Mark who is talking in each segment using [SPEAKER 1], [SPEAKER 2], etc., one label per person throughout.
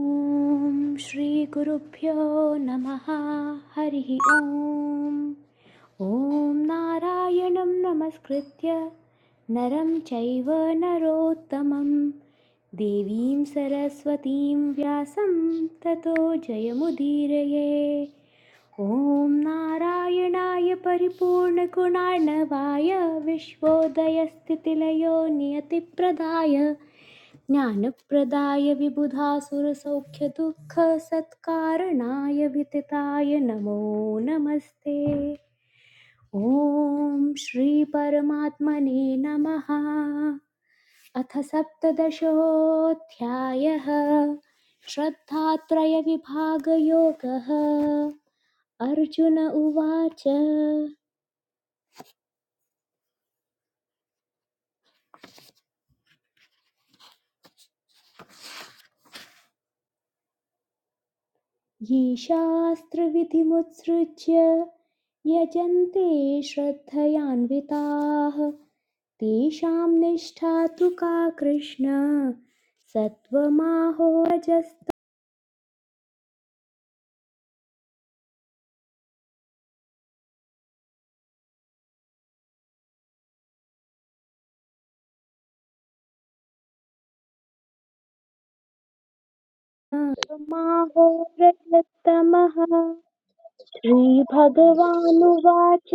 [SPEAKER 1] ॐ श्रीगुरुभ्यो नमः हरिः ॐ ॐ नारायणं नमस्कृत्य नरं चैव नरोत्तमं देवीं सरस्वतीं व्यासं ततो जयमुदीरये ॐ नारायणाय परिपूर्णगुणार्णवाय विश्वोदयस्थितिलयो नियतिप्रदाय ज्ञानप्रदाय विबुधासुरसौख्यदुःखसत्कारणाय वितताय नमो नमस्ते ॐ श्रीपरमात्मने नमः अथ सप्तदशोऽध्यायः श्रद्धात्रयविभागयोगः अर्जुन उवाच ये शास्त्रविधिमुत्सृज्य यजन्ते श्रद्धयान्विताः तेषां निष्ठा तु का कृष्ण सत्त्वमाहोरजस्तमाहो रजस्तमः श्रीभगवानुवाच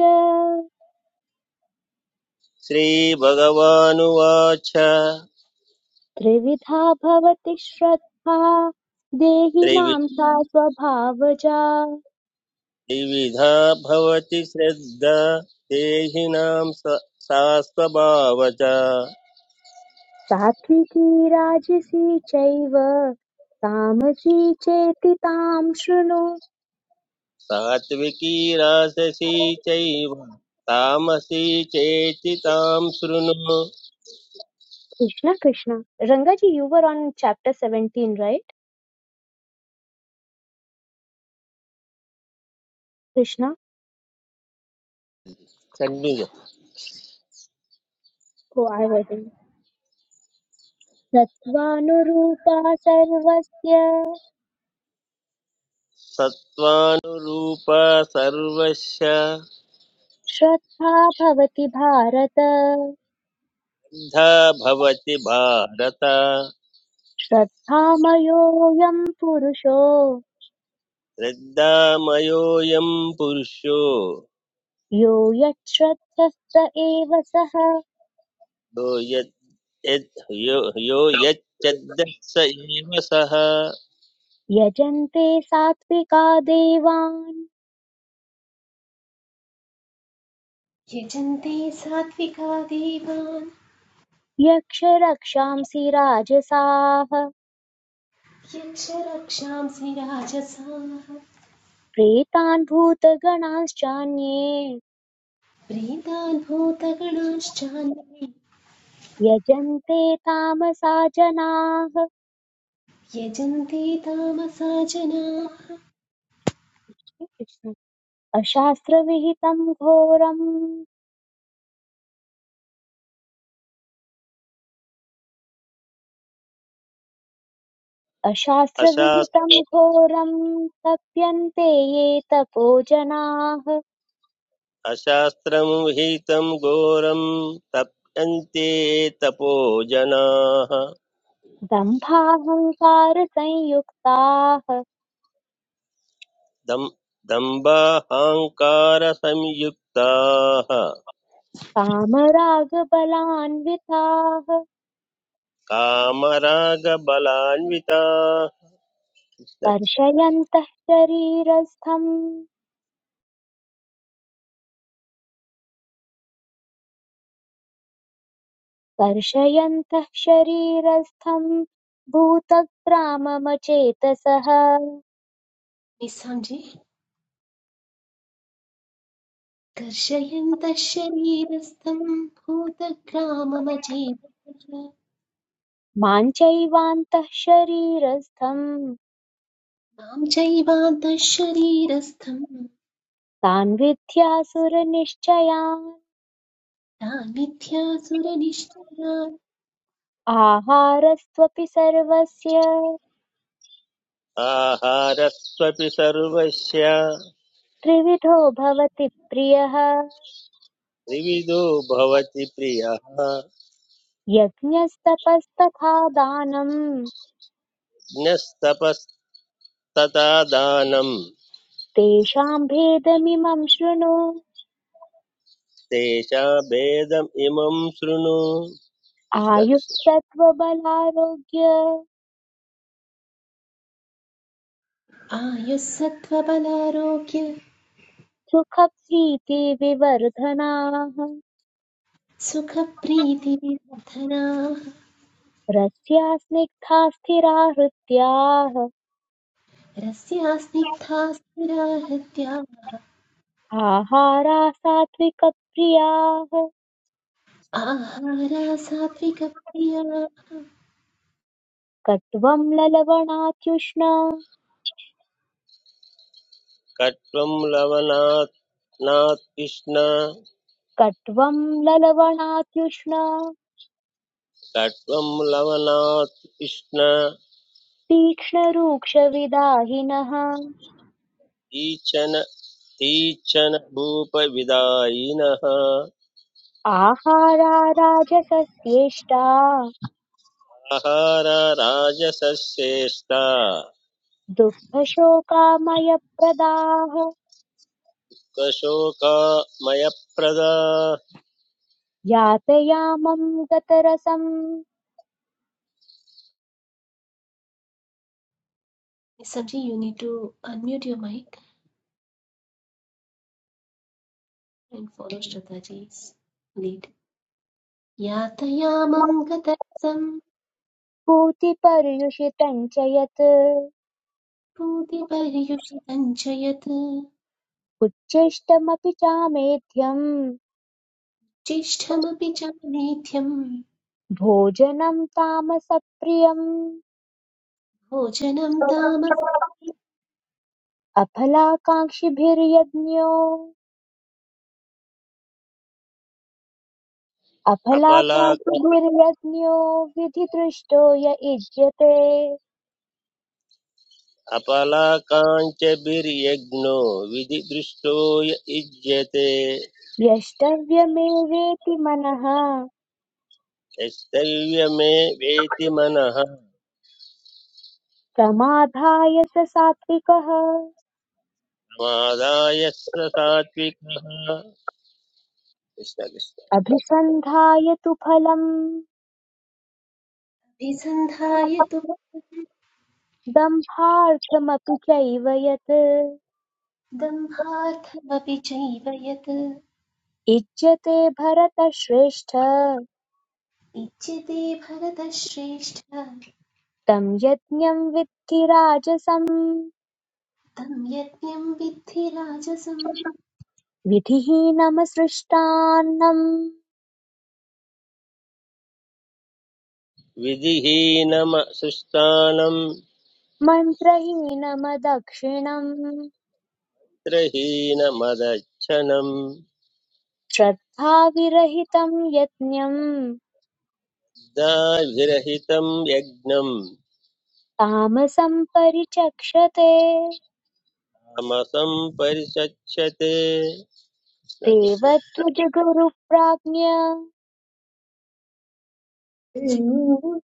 [SPEAKER 2] श्रीभगवानुवाच त्रिवि
[SPEAKER 1] त्रिविधा भवति श्रद्धा देहिनां सा स्वभावजा
[SPEAKER 2] त्रिविधा भवति श्रद्धा देहिनां स- सा स्वभावच
[SPEAKER 1] सात्विकी राजसी चैव तामसी चेति तां शृणु
[SPEAKER 2] सात्विकी राजसी चैव तामसी चेति तां शृणु
[SPEAKER 1] Krishna, Krishna. Rangaji, you were on chapter 17, right? Krishna?
[SPEAKER 2] Shanmukha.
[SPEAKER 1] Oh, I wasn't. सत्त्वानुरूपा सर्वस्य
[SPEAKER 2] सत्त्वानुरूपा सर्वस्य
[SPEAKER 1] श्रद्धा भवति भारत
[SPEAKER 2] श्रद्धा भवति भारत
[SPEAKER 1] श्रद्धामयोऽयं पुरुषो
[SPEAKER 2] श्रद्धामयोऽयं पुरुषो
[SPEAKER 1] यो यच्छ्रद्धस्त एव सः
[SPEAKER 2] यो यद् यो यो यच्चद्दः स एव सः
[SPEAKER 1] यजन्ते सात्विका देवान्
[SPEAKER 3] यजन्ते सात्विका देवान्
[SPEAKER 1] यक्षरक्षांसि राजसाः
[SPEAKER 3] यक्ष रक्षांसि राजसाः
[SPEAKER 1] प्रेतान् भूतगणांश्चान्ये
[SPEAKER 3] प्रीतान् भूतगणाश्चान्ये
[SPEAKER 1] यजन्ते तामसा जनाः
[SPEAKER 3] यजन्ते तामसा जनाः
[SPEAKER 1] अशास्त्रविहितं घोरम् अशास्त्रविहितं
[SPEAKER 2] अशास्त्र
[SPEAKER 1] घोरं तप्यन्ते ये तपो जनाः
[SPEAKER 2] अशास्त्रमुहितं घोरं तप्यन्ते तपो जनाः
[SPEAKER 1] दम्भाहङ्कारसंयुक्ताः
[SPEAKER 2] दम् दम्बाहङ्कारसंयुक्ताः
[SPEAKER 1] कामरागबलान्विताः
[SPEAKER 2] कामरागबलान्विताः
[SPEAKER 1] कर्षयन्तः शरीरस्थम् कर्षयन्तः शरीरस्थम् भूतग्राममचेतसः
[SPEAKER 3] निस्सञ्जे कर्षयन्तः शरीरस्थं भूतग्राममचेतसः
[SPEAKER 1] मां चैवान्तः शरीरस्थम्
[SPEAKER 3] मां चैवान्तः शरीरस्थं
[SPEAKER 1] तान् विद्यासुरनिश्चयान्
[SPEAKER 3] तान्मिथ्यासुरनिश्चयान्
[SPEAKER 1] आहारस्त्वपि सर्वस्य
[SPEAKER 2] आहारस्वपि सर्वस्य
[SPEAKER 1] त्रिविधो भवति प्रियः
[SPEAKER 2] त्रिविधो भवति प्रियः
[SPEAKER 1] यज्ञस्तपस्तथा दानम्
[SPEAKER 2] ज्ञस्तपस्तता दानम्
[SPEAKER 1] तेषां भेदमिमं शृणु
[SPEAKER 2] तेषाभेदम् इमं शृणु कृष्ण
[SPEAKER 1] आयुः
[SPEAKER 2] कृष्ण
[SPEAKER 1] सत्त्वबलारोग्य
[SPEAKER 3] आयुः सत्त्वबलारोग्य
[SPEAKER 1] सुखप्रीति विवर्धनाः
[SPEAKER 3] सुखप्रीतिविवर्धनाः
[SPEAKER 1] रस्या स्निग्धा स्थिरा हृत्याः
[SPEAKER 3] रस्या स्निग्धा स्थिरा हृत्या
[SPEAKER 1] आहारा सात्विकप्रियाः
[SPEAKER 3] आहारा सात्विकप्रिया
[SPEAKER 1] कट्वं ललवणात्युष्ण
[SPEAKER 2] कट्वं लवणात् नात् कृष्ण
[SPEAKER 1] कट्वं ललवणात्युष्ण
[SPEAKER 2] कट्वं लवणात् कृष्ण
[SPEAKER 1] तीक्ष्णरूक्षविदाहिनः
[SPEAKER 2] ईचन तीचन भूपविदायिनः
[SPEAKER 1] आहारा राजसस्येष्टा
[SPEAKER 2] आहार राजसस्येष्टा
[SPEAKER 1] दुःखशोकामयप्रदाः
[SPEAKER 2] कशोकामयप्रदा
[SPEAKER 1] यातयामं गतरसं
[SPEAKER 3] Sanji, you need to unmute your mic and follow Shraddhaji's lead. यातयामं गतरसं
[SPEAKER 1] भूतिपर्युषितम् च यत्
[SPEAKER 3] पूतिपर्युषितं च यत्
[SPEAKER 1] उच्छिष्टमपि चामेध्यम्
[SPEAKER 3] ज्येष्ठमपि च मेध्यं
[SPEAKER 1] भोजनं तामसप्रियम्
[SPEAKER 3] भोजनं
[SPEAKER 1] अफलाकाङ्क्षिभिर्यज्ञो
[SPEAKER 2] अपलाक
[SPEAKER 1] अफलाकाङ्क्षिभिर्यज्ञो विधितृष्टो य इज्यते
[SPEAKER 2] अपलाकाञ्च विर्यज्ञो विधिदृष्टो य युज्यते
[SPEAKER 1] यष्टव्यमेवेति मनः
[SPEAKER 2] यस्तैर्यमे वेति मनः
[SPEAKER 1] प्रमादाय स सात्विकः
[SPEAKER 2] समादाय स सात्विकः कृष्ण कृष्ण
[SPEAKER 1] अभिसन्धाय तु फलम्
[SPEAKER 3] तामसभिसन्धाय तु
[SPEAKER 1] दम्भार्थमपि चैव यत्
[SPEAKER 3] दम्भार्थमपि चैव यत्
[SPEAKER 1] इज्यते भरतश्रेष्ठ
[SPEAKER 3] इच्छिते भरतश्रेष्ठ
[SPEAKER 1] तं यज्ञं विद्धि राजसम्
[SPEAKER 3] तं यज्ञं विद्धि राजसं
[SPEAKER 1] विधिहीनमसृष्टान्नम्
[SPEAKER 2] विधिहीनम सुस्थानं
[SPEAKER 1] मन्त्रहीनमदक्षिणम्
[SPEAKER 2] त्रहीनमदच्छनम्
[SPEAKER 1] श्रद्धाविरहितम् यज्ञम्
[SPEAKER 2] दाभिरहितं यज्ञं
[SPEAKER 1] तामसम् परिचक्षते
[SPEAKER 2] तमसं परिचच्यते कृष्ण कृष्ण
[SPEAKER 1] देवद्विजगुरुप्राज्ञ
[SPEAKER 4] देव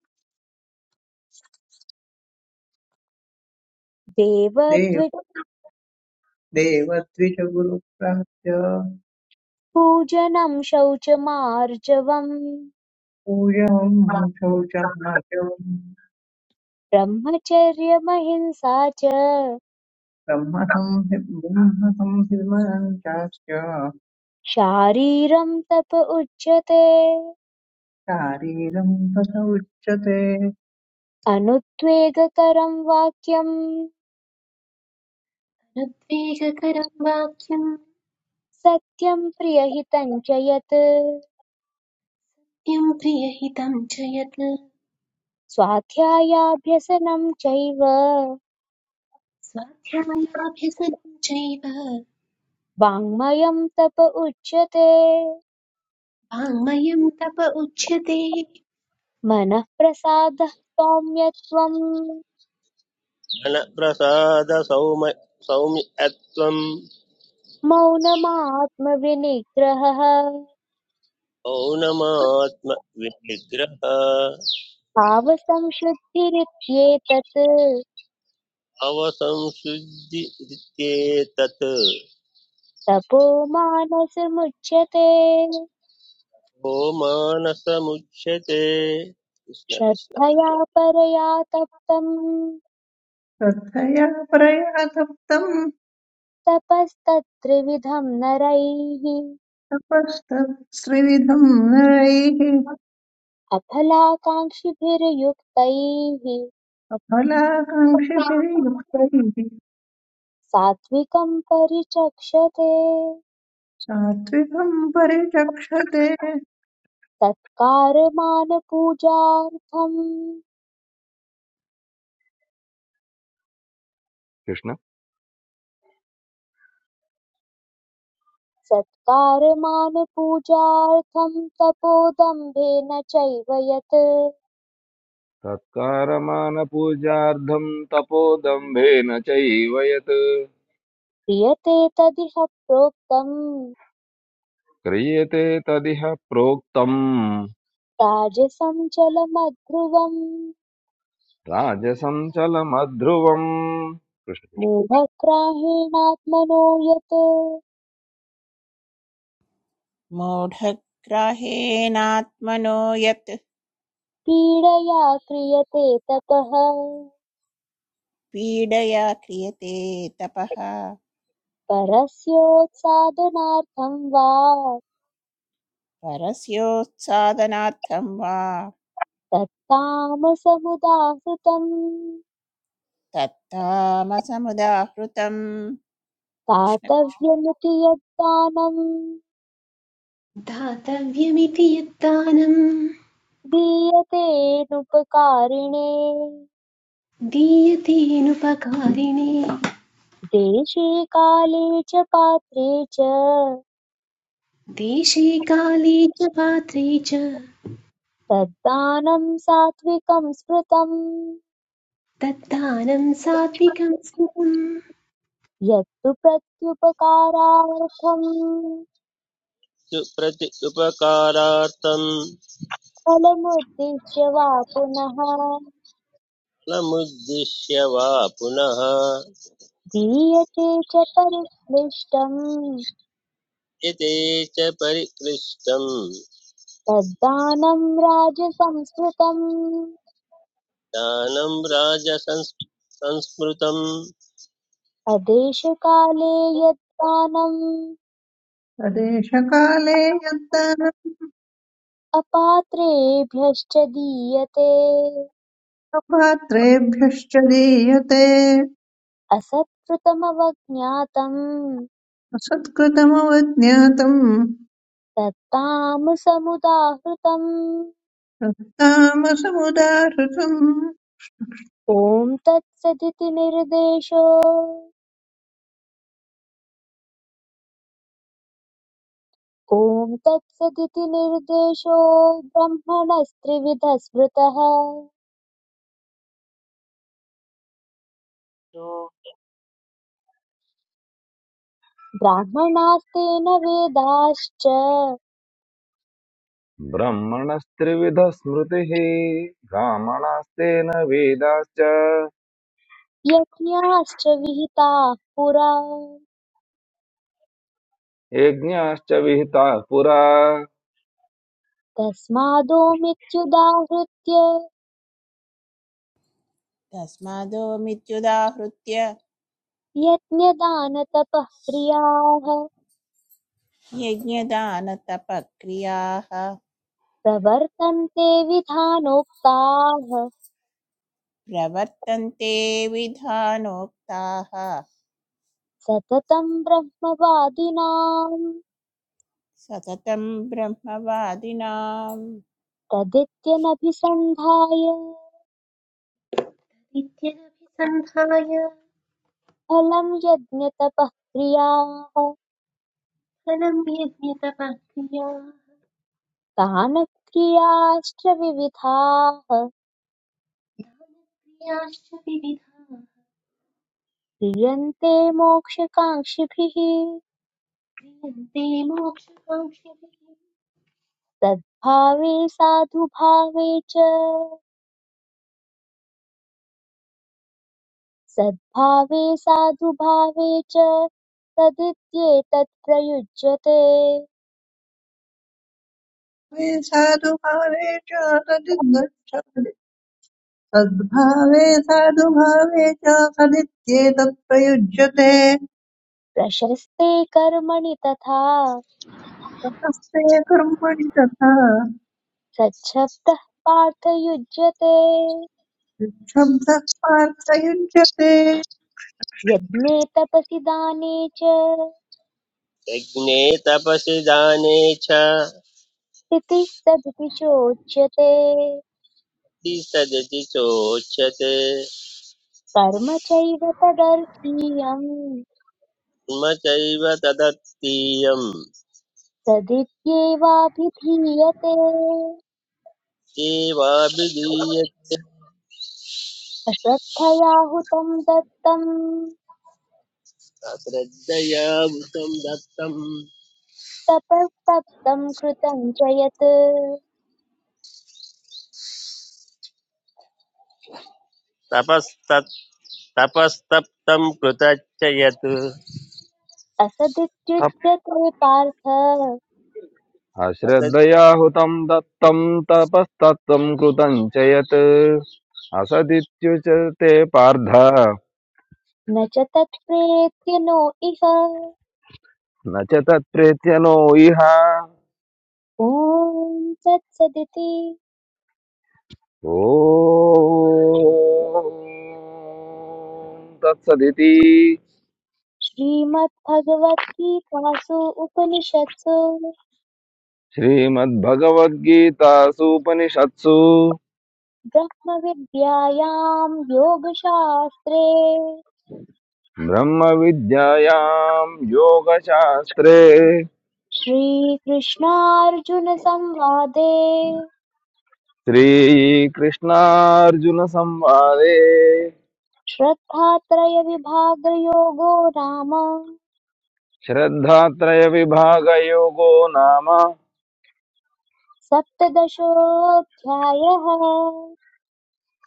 [SPEAKER 1] देवद्विजपूजनम्
[SPEAKER 4] देवद्विजगुरुप्राप्य
[SPEAKER 1] शौचमार्जवम्
[SPEAKER 4] पूजां शौचार्यं
[SPEAKER 1] ब्रह्मचर्यमहिंसा च
[SPEAKER 4] ब्रह्मसंहि ब्रह्मसंहिमनं चास्य
[SPEAKER 1] शारीरं तप उच्यते
[SPEAKER 4] शारीरं तथ उच्यते
[SPEAKER 1] अनुद्वेगकरं वाक्यम्
[SPEAKER 3] रद्वेगकरं वाक्यं
[SPEAKER 1] सत्यं प्रियहितं च यत्
[SPEAKER 3] नित्यं प्रियहितं च यत्
[SPEAKER 1] स्वाध्यायाभ्यसनं चैव
[SPEAKER 3] स्वाध्यायाभ्यसनं चैव
[SPEAKER 1] वाङ्मयं तप उच्यते
[SPEAKER 3] वाङ्मयं तप उच्यते
[SPEAKER 1] मनःप्रसादः सौम्यत्वं
[SPEAKER 2] मनप्रसादसौम सौम्यत्वं
[SPEAKER 1] मौनमात्मविनिग्रहः
[SPEAKER 2] मौनमात्म विनिग्रह
[SPEAKER 1] भावसंशुद्धिरित्येतत्
[SPEAKER 2] अवसंशुद्धि इत्येतत्
[SPEAKER 1] तपो मानसमुच्यते
[SPEAKER 2] ओ कृष्ण कृष्ण
[SPEAKER 1] श्रद्धया परया तप्तम्
[SPEAKER 4] श्रद्धया परया तप्तं
[SPEAKER 1] तपस्तत्त्रिविधम् नरैः
[SPEAKER 4] तपस्तत्स्त्रिविधं नरैः
[SPEAKER 1] अफलाकाङ्क्षिभिर्युक्तैः
[SPEAKER 4] सफलाकाङ्क्षिभिः युक्तैः
[SPEAKER 1] सात्विकं परिचक्षते
[SPEAKER 4] सात्विकं परिचक्षते
[SPEAKER 1] सत्कारमानपूजार्थं
[SPEAKER 5] कृष्ण
[SPEAKER 1] सत्कारमानपूजार्थं तपोदम्भेन चैव यत्
[SPEAKER 5] सत्कारमानपूजार्थं तपोदम्भेन चैव यत्
[SPEAKER 1] क्रियते तदिह प्रोक्तम्
[SPEAKER 5] क्रियते तदिह प्रोक्तम्
[SPEAKER 1] राजसं जलमध्रुवम्
[SPEAKER 5] राजसञ्चलमध्रुवम् कृष्ण कृष्ण।
[SPEAKER 1] मूढग्राहेणात्मनो यत्
[SPEAKER 6] मूढग्राहेणात्मनो यत्
[SPEAKER 1] पीडया क्रियते तपः
[SPEAKER 6] पीडया क्रियते तपः
[SPEAKER 1] परस्योत्सादनार्थं वा
[SPEAKER 6] परस्योत्सादनार्थं वा
[SPEAKER 1] तत्तामसमुदाहृतम्
[SPEAKER 6] तत्तामसमुदाहृतम् कृष्ण-
[SPEAKER 1] दातव्यमिति यद्दानम्
[SPEAKER 3] दातव्यमिति यद्दानं
[SPEAKER 1] दीयतेऽनुपकारिणे
[SPEAKER 3] दीयतेनुपकारिणे
[SPEAKER 1] देशे काले च पात्रे च
[SPEAKER 3] देशे काले च पात्रे च
[SPEAKER 1] तद्दानं सात्विकं स्मृतम्
[SPEAKER 3] तद्दानं सात्विकं स्मृतम्
[SPEAKER 1] यत्तु प्रत्युपकारार्थं
[SPEAKER 2] तु प्रति उपकारार्थं
[SPEAKER 1] फलमुद्दिश्य वा पुनः
[SPEAKER 2] फलमुद्दिश्य वा पुनः
[SPEAKER 1] दीयते च परिक्लिष्टम्
[SPEAKER 2] यते च परिकृष्टं
[SPEAKER 1] तद्दानं राजसंस्मृतम्
[SPEAKER 2] दानं राजसंस्- संस्मृतं
[SPEAKER 1] अदेशकाले यद्दानम्
[SPEAKER 4] तदेशकाले
[SPEAKER 1] अपात्रेभ्यश्च दीयते
[SPEAKER 4] अपात्रेभ्यश्च दीयते
[SPEAKER 1] असत्कृतमवज्ञातम्
[SPEAKER 4] असत्कृतमवज्ञातम्
[SPEAKER 1] तत्तामसमुदाहृतम्
[SPEAKER 4] तामसमुदाहृतम्
[SPEAKER 1] ॐ तत्सदिति निर्देशो ॐ तत्सदिति निर्देशो ब्रह्मणस्त्रिविधः स्मृतः ब्राह्मणास्तेन वेदाश्च
[SPEAKER 5] ब्रह्मणस्त्रिविधस्मृतिः ब्राह्मणास्तेन वेदाश्च
[SPEAKER 1] यज्ञाश्च विहिताः पुरा
[SPEAKER 5] यज्ञाश्च विहिताः पुरा
[SPEAKER 1] तस्मादोमित्युदाहृत्य
[SPEAKER 6] तस्मादो मित्युदाहृत्य
[SPEAKER 1] यज्ञदानतपः क्रियाः
[SPEAKER 6] यज्ञदानतपक्रियाः
[SPEAKER 1] प्रवर्तन्ते विधानोक्ताः
[SPEAKER 6] प्रवर्तन्ते विधानोक्ताः
[SPEAKER 1] सततं ब्रह्मवादिनाम्
[SPEAKER 6] सततं ब्रह्मवादिनाम्
[SPEAKER 1] तदित्यनभिसन्धाय
[SPEAKER 3] नित्यमभिसन्धाय
[SPEAKER 1] फलं यज्ञतपः क्रियाः
[SPEAKER 3] फलं यज्ञतपः
[SPEAKER 1] दानक्रियाश्च विविधाः
[SPEAKER 3] क्रियाश्च विविधाः
[SPEAKER 1] क्रियन्ते मोक्षकाङ्क्षिभिः
[SPEAKER 3] क्रियन्ते
[SPEAKER 1] सद्भावे साधुभावे च सद्भावे साधुभावे च तदित्येतत् प्रयुज्यते
[SPEAKER 4] मे साधुभावे च सदिद्गच्छति सद्भावे साधुभावे च सदित्येतत् प्रयुज्यते
[SPEAKER 1] प्रशस्ते कर्मणि तथा
[SPEAKER 4] ततस्ते कर्मणि तथा
[SPEAKER 1] सच्छब्दः पार्थ युज्यते
[SPEAKER 4] निःशब्दः पार्थयुज्यते
[SPEAKER 1] यज्ञे तपसि दाने च
[SPEAKER 2] यज्ञे तपसि दाने च
[SPEAKER 1] इति सदिति चोच्यते
[SPEAKER 2] सदति चोच्यते
[SPEAKER 1] कर्म चैव तदर्थीयम्
[SPEAKER 2] मम चैव तदर्थीयं
[SPEAKER 1] तदित्येवाभिधीयते
[SPEAKER 2] येवाभिधीयते
[SPEAKER 1] अश्रद्धया हुतं दत्तं
[SPEAKER 2] श्रद्धया वृतं दत्तं
[SPEAKER 1] तपस्तप्तं कृतं च यत्
[SPEAKER 2] तपस्तत् तपस्तप्तं कृतच्च यत्
[SPEAKER 5] तप
[SPEAKER 1] असदित्युच्यते पार्थ
[SPEAKER 5] अश्रद्धया हुतं दत्तं तपस्तत्त्वं कृतं च यत् असदित्युच्यते पार्थ
[SPEAKER 1] न च तत्प्रेत्य नो इह
[SPEAKER 5] न च तत्प्रेत्यनो इह
[SPEAKER 1] ॐ तत्सदिति
[SPEAKER 5] ॐ तत्सदिति
[SPEAKER 1] श्रीमद्भगवद्गीतासु उपनिषत्सु
[SPEAKER 5] श्रीमद्भगवद्गीतासूपनिषत्सु
[SPEAKER 1] ब्रह्मविद्यायां योगशास्त्रे
[SPEAKER 5] ब्रह्मविद्यायां योगशास्त्रे
[SPEAKER 1] श्रीकृष्णार्जुनसंवादे
[SPEAKER 5] श्रीकृष्णार्जुनसंवादे
[SPEAKER 1] श्रद्धात्रयविभागयोगो नाम
[SPEAKER 5] श्रद्धात्रयविभागयोगो नाम
[SPEAKER 1] सप्तदशोऽध्यायः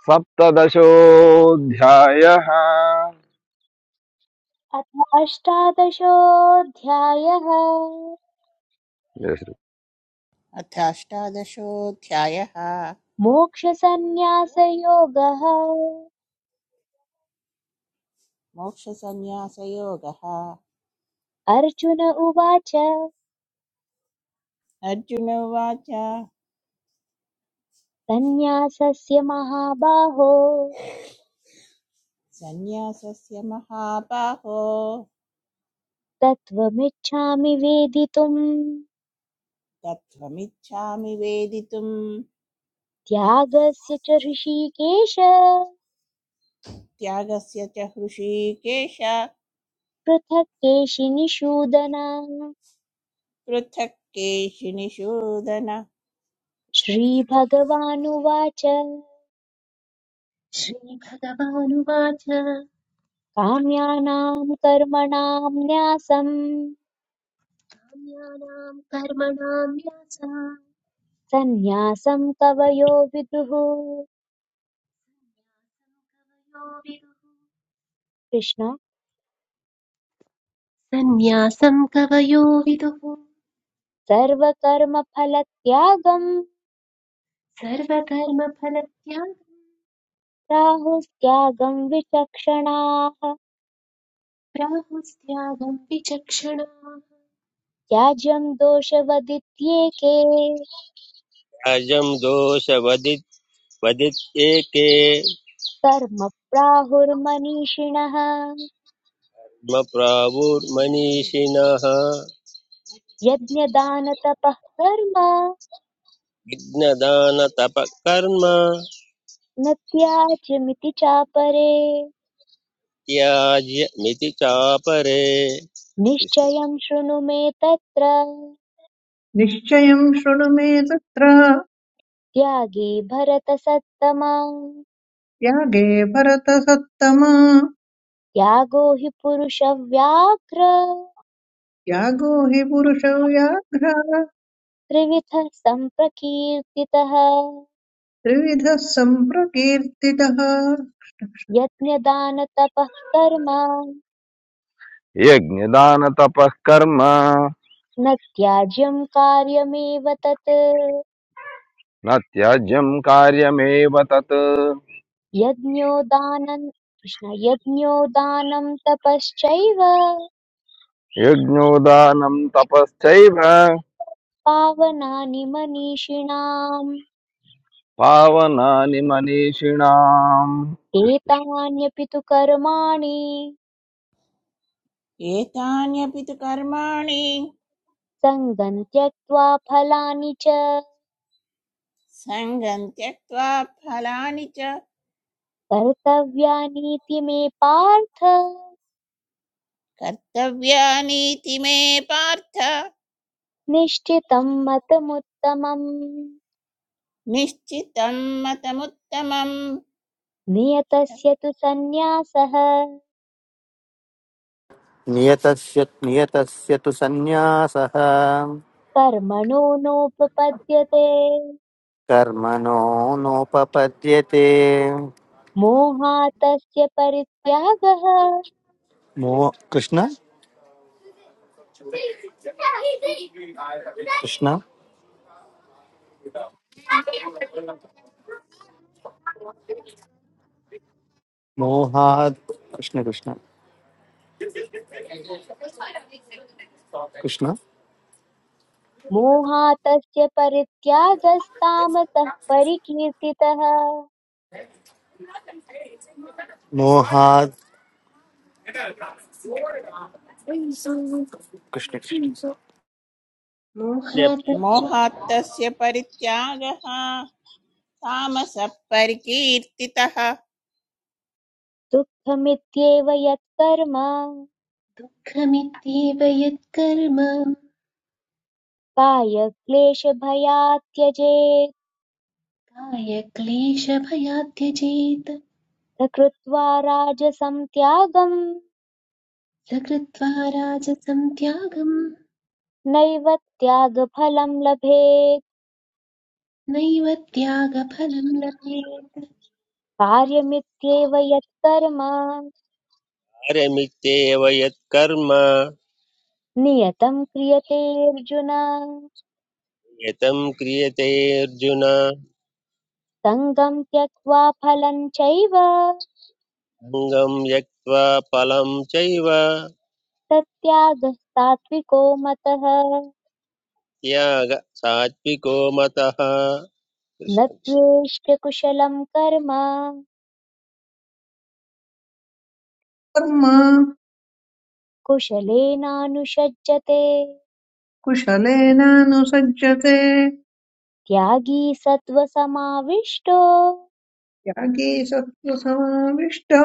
[SPEAKER 5] सप्तदशोऽध्यायः
[SPEAKER 1] अथ अष्टादशोऽध्यायः
[SPEAKER 6] अथाष्टादशोऽध्यायः
[SPEAKER 1] मोक्षसन्न्यासयोगः
[SPEAKER 6] मोक्षसंन्यासयोगः
[SPEAKER 1] अर्जुन उवाच
[SPEAKER 6] अर्जुन उवाच
[SPEAKER 1] सन्न्यासस्य महाबाहो
[SPEAKER 6] सन्न्यासस्य महाबाहो
[SPEAKER 1] तत्त्वमिच्छामि वेदितुम्
[SPEAKER 6] तत्त्वमिच्छामि वेदितुम्
[SPEAKER 1] त्यागस्य च ऋषिकेश
[SPEAKER 6] त्यागस्य च हृषीकेश
[SPEAKER 1] पृथक् केशिनिषूदन
[SPEAKER 6] पृथक् केशिनिषूदन कृष्ण कृष्ण।
[SPEAKER 1] श्रीभगवानुवाच
[SPEAKER 3] श्रीभगवानुवाच
[SPEAKER 1] काम्यानां कर्मणां न्यासं
[SPEAKER 3] काम्यानां कर्मणां व्यासः
[SPEAKER 1] सन्न्यासं कवयो विदुः कृष्ण
[SPEAKER 3] सन्न्यासं कवयो विदुः
[SPEAKER 1] सर्वकर्मफलत्यागं
[SPEAKER 3] सर्वकर्मफलत्यागं
[SPEAKER 1] राहुस्त्यागं विचक्षणाः
[SPEAKER 3] प्राहुस्त्यागं विचक्षणाः
[SPEAKER 1] त्याज्यं दोषवदित्येके
[SPEAKER 2] असद्राजं दोषवदित् वदित्येके
[SPEAKER 1] कर्म प्राहुर्मनीषिणः
[SPEAKER 2] प्रावुर्मनीषिणः
[SPEAKER 1] यज्ञदानतपः कर्म
[SPEAKER 2] विघ्नदानतपकर्म
[SPEAKER 1] न त्याज्यमिति चापरे
[SPEAKER 2] त्याज्य चापरे कृष्णस्य
[SPEAKER 1] निश्चयं शृणु मे तत्र
[SPEAKER 4] निश्चयम् शृणु मे तत्र
[SPEAKER 1] त्यागे भरतसत्तमा
[SPEAKER 4] त्यागे भरतसत्तमा
[SPEAKER 1] त्यागो हि पुरुषव्याघ्र
[SPEAKER 4] यागो हि पुरुष व्याघ्रः
[SPEAKER 1] त्रिविधः सम्प्रकीर्तितः
[SPEAKER 4] त्रिविधः सम्प्रकीर्तितः
[SPEAKER 1] यज्ञदानतपः कर्म
[SPEAKER 5] यज्ञदान तपःकर्म
[SPEAKER 1] न त्याज्यं कार्यमेव तत्
[SPEAKER 5] न त्याज्यम कार्यमेव तत्
[SPEAKER 1] यज्ञो दानं कृष्ण यज्ञो दानं तपश्चैव
[SPEAKER 5] यज्ञोदानं तपश्चैव
[SPEAKER 1] पावनानि मनीषिणाम्
[SPEAKER 5] पावनानि मनीषिणाम् कृष्ण कृष्ण।
[SPEAKER 1] एतान्यपि तु कर्माणि
[SPEAKER 6] एतान्यपि तु कर्माणि
[SPEAKER 1] सङ्गम् त्यक्त्वा फलानि च
[SPEAKER 6] सङ्गम् त्यक्त्वा फलानि च
[SPEAKER 1] कर्तव्यानीति मे पार्थ
[SPEAKER 6] कर्तव्यानीति मे पार्थ
[SPEAKER 1] निश्चितं मतमुत्तमम्
[SPEAKER 6] निश्चितं मतमुत्तमम्
[SPEAKER 1] नियतस्य तु सन्न्यासः
[SPEAKER 7] नियतस्य नियतस्य तु सन्न्यासः
[SPEAKER 1] कर्मणो नोपपद्यते
[SPEAKER 7] कर्मणो नोपपद्यते
[SPEAKER 1] मोहातस्य परित्यागः
[SPEAKER 7] मो कृष्ण कृष्ण मोहात् कृष्ण कृष्ण कृष्ण
[SPEAKER 1] मोहातस्य परित्यागस्तामतः परिकीर्तितः
[SPEAKER 7] मोहात् कृष्ण कृष्ण
[SPEAKER 3] मोहात्
[SPEAKER 6] मोहात्तस्य परित्यागः तामसः परिकीर्तितः
[SPEAKER 1] दुःखमित्येव यत्कर्म
[SPEAKER 3] सुखमित्येव यत्कर्म
[SPEAKER 1] कायक्लेशभयात् त्यजेत्
[SPEAKER 3] कायक्लेशभयात् त्यजेत्
[SPEAKER 1] स कृत्वा राजसं त्यागम्
[SPEAKER 3] स राजसं त्यागं
[SPEAKER 1] नैव त्यागफलं लभेत्
[SPEAKER 3] नैव त्यागफलं लभेत्
[SPEAKER 1] कार्यमित्येव यत्कर्म
[SPEAKER 2] पारमित्येव यत्कर्म
[SPEAKER 1] नियतं क्रियतेऽर्जुन
[SPEAKER 2] यतं क्रियतेऽर्जुन
[SPEAKER 1] सङ्गं त्यक्त्वा फलं चैव
[SPEAKER 2] अङ्गं त्यक्त्वा फलं चैव
[SPEAKER 1] तत्त्यागः सात्विको मतः
[SPEAKER 2] त्याग सात्विको मतः
[SPEAKER 1] न
[SPEAKER 2] कृष्ण
[SPEAKER 1] द्वेष्ट्य कुशलं कर्म
[SPEAKER 4] कर्मा
[SPEAKER 1] कुशलेनानुषज्यते
[SPEAKER 4] कुशलेनानुसज्जते
[SPEAKER 1] त्यागी सत्त्वसमाविष्टो
[SPEAKER 4] यागी सत्त्वसमाविष्टो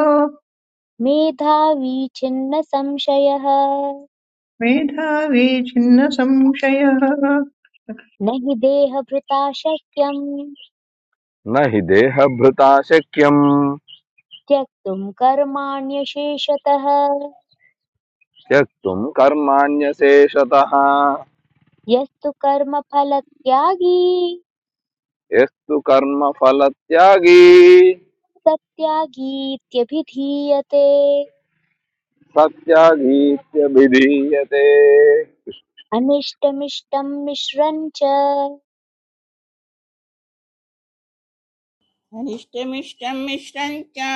[SPEAKER 1] मेधावी छिन्न संशयः
[SPEAKER 4] मेधावी छिन्न संशयः
[SPEAKER 1] न हि देहभृता शक्यम्
[SPEAKER 5] न हि देहभृता शक्यम्
[SPEAKER 1] त्यक्तुं कर्माण्यशेषतः
[SPEAKER 5] त्यक्तुम् कर्माण्यशेषतः
[SPEAKER 1] यस्तु कर्मफलत्यागी
[SPEAKER 5] यस्तु कर्म फलत्यागी
[SPEAKER 1] स त्यागीत्यभिधीयते
[SPEAKER 5] सत्यागीत्यभिधीयते
[SPEAKER 1] अनिष्टमिष्टं मिश्रं च
[SPEAKER 6] अनिष्टमिष्टं मिश्रं च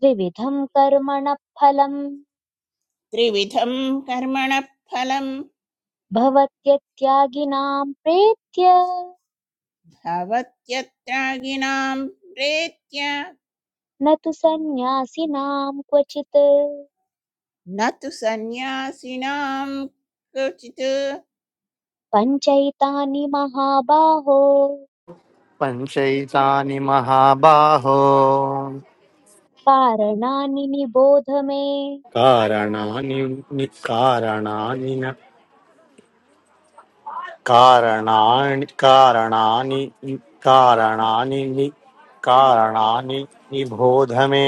[SPEAKER 1] त्रिविधं कर्मणः फलम्
[SPEAKER 6] त्रिविधं कर्मणः फलं
[SPEAKER 1] भवत्यत्यागिनां प्रेत्य
[SPEAKER 6] भवत्यत्रागिनां प्रेत्य
[SPEAKER 1] न तु सन्न्यासिनां क्वचित्
[SPEAKER 6] न तु सन्न्यासिनां क्वचित्
[SPEAKER 1] पञ्चैतानि महाबाहो
[SPEAKER 7] पञ्चैतानि महाबाहो
[SPEAKER 1] कारणानि निबोध मे
[SPEAKER 7] कारणानि नि- कारणानि न कारणानि कारणानि कारणानि नि- कारणानि निबोध मे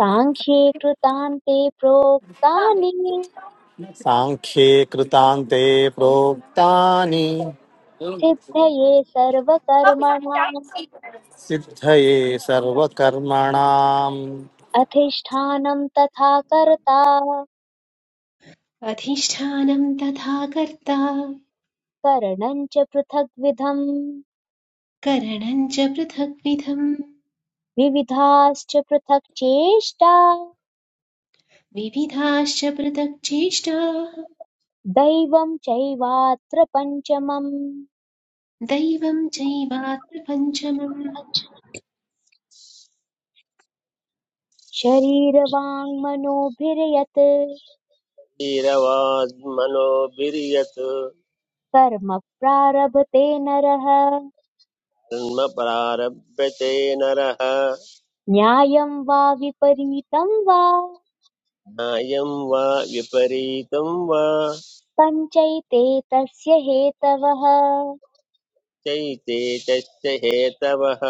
[SPEAKER 1] साङ्ख्ये कृतान्ते प्रोक्तानि
[SPEAKER 7] सांख्ये कृतान्ते प्रोक्तानि
[SPEAKER 1] सिद्धये सर्वकर्मणाम्
[SPEAKER 7] सिद्धये सर्वकर्मणाम्
[SPEAKER 1] अधिष्ठानं तथा कर्ता
[SPEAKER 3] अधिष्ठानं तथा कर्ता
[SPEAKER 1] करणं च पृथग्विधम्
[SPEAKER 3] करणं च पृथग्विधम्
[SPEAKER 1] विविधाश्च पृथक् चेष्टा
[SPEAKER 3] विविधाश्च पृथक् चेष्टाः
[SPEAKER 1] दैवं चैवात्र पञ्चमम्
[SPEAKER 3] दैवं चैवात्र पञ्चमम्
[SPEAKER 1] शरीरवाङ्मनोभिर्यत्
[SPEAKER 2] धीरवाग्मनोभिर्यत्
[SPEAKER 1] कर्म प्रारभते नरः
[SPEAKER 2] कर्म प्रारभ्यते नरः
[SPEAKER 1] न्यायं वा विपरीतं वा
[SPEAKER 2] न्यायं वा विपरीतं वा
[SPEAKER 1] पञ्चैते तस्य हेतवः
[SPEAKER 2] चैते तस्य हेतवः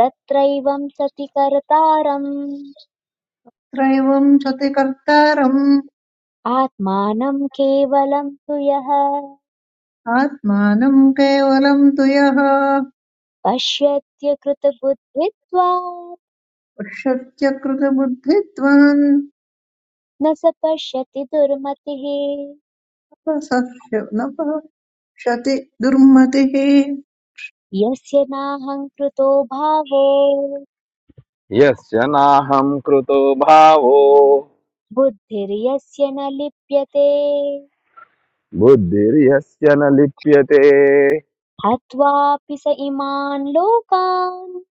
[SPEAKER 1] तत्रैवं सति कर्तारम्
[SPEAKER 4] त्रैवं सति कर्तारम्
[SPEAKER 1] आत्मानं केवलं तु यः
[SPEAKER 4] आत्मानं केवलं तु यः
[SPEAKER 1] पश्यत्यकृतबुद्धित्वात्
[SPEAKER 4] पश्यत्य कृतबुद्धित्वान्
[SPEAKER 1] न स पश्यति दुर्मतिः
[SPEAKER 4] न पश्यति दुर्मतिः
[SPEAKER 1] यस्य नाहङ्कृतो भावो
[SPEAKER 5] यस्य नाहं कृतो भावो
[SPEAKER 1] बुद्धिर्यस्य न लिप्यते
[SPEAKER 5] బుద్ధిరి అస్యన లిప్యతే
[SPEAKER 1] हत्वापि स इमान् लोकान्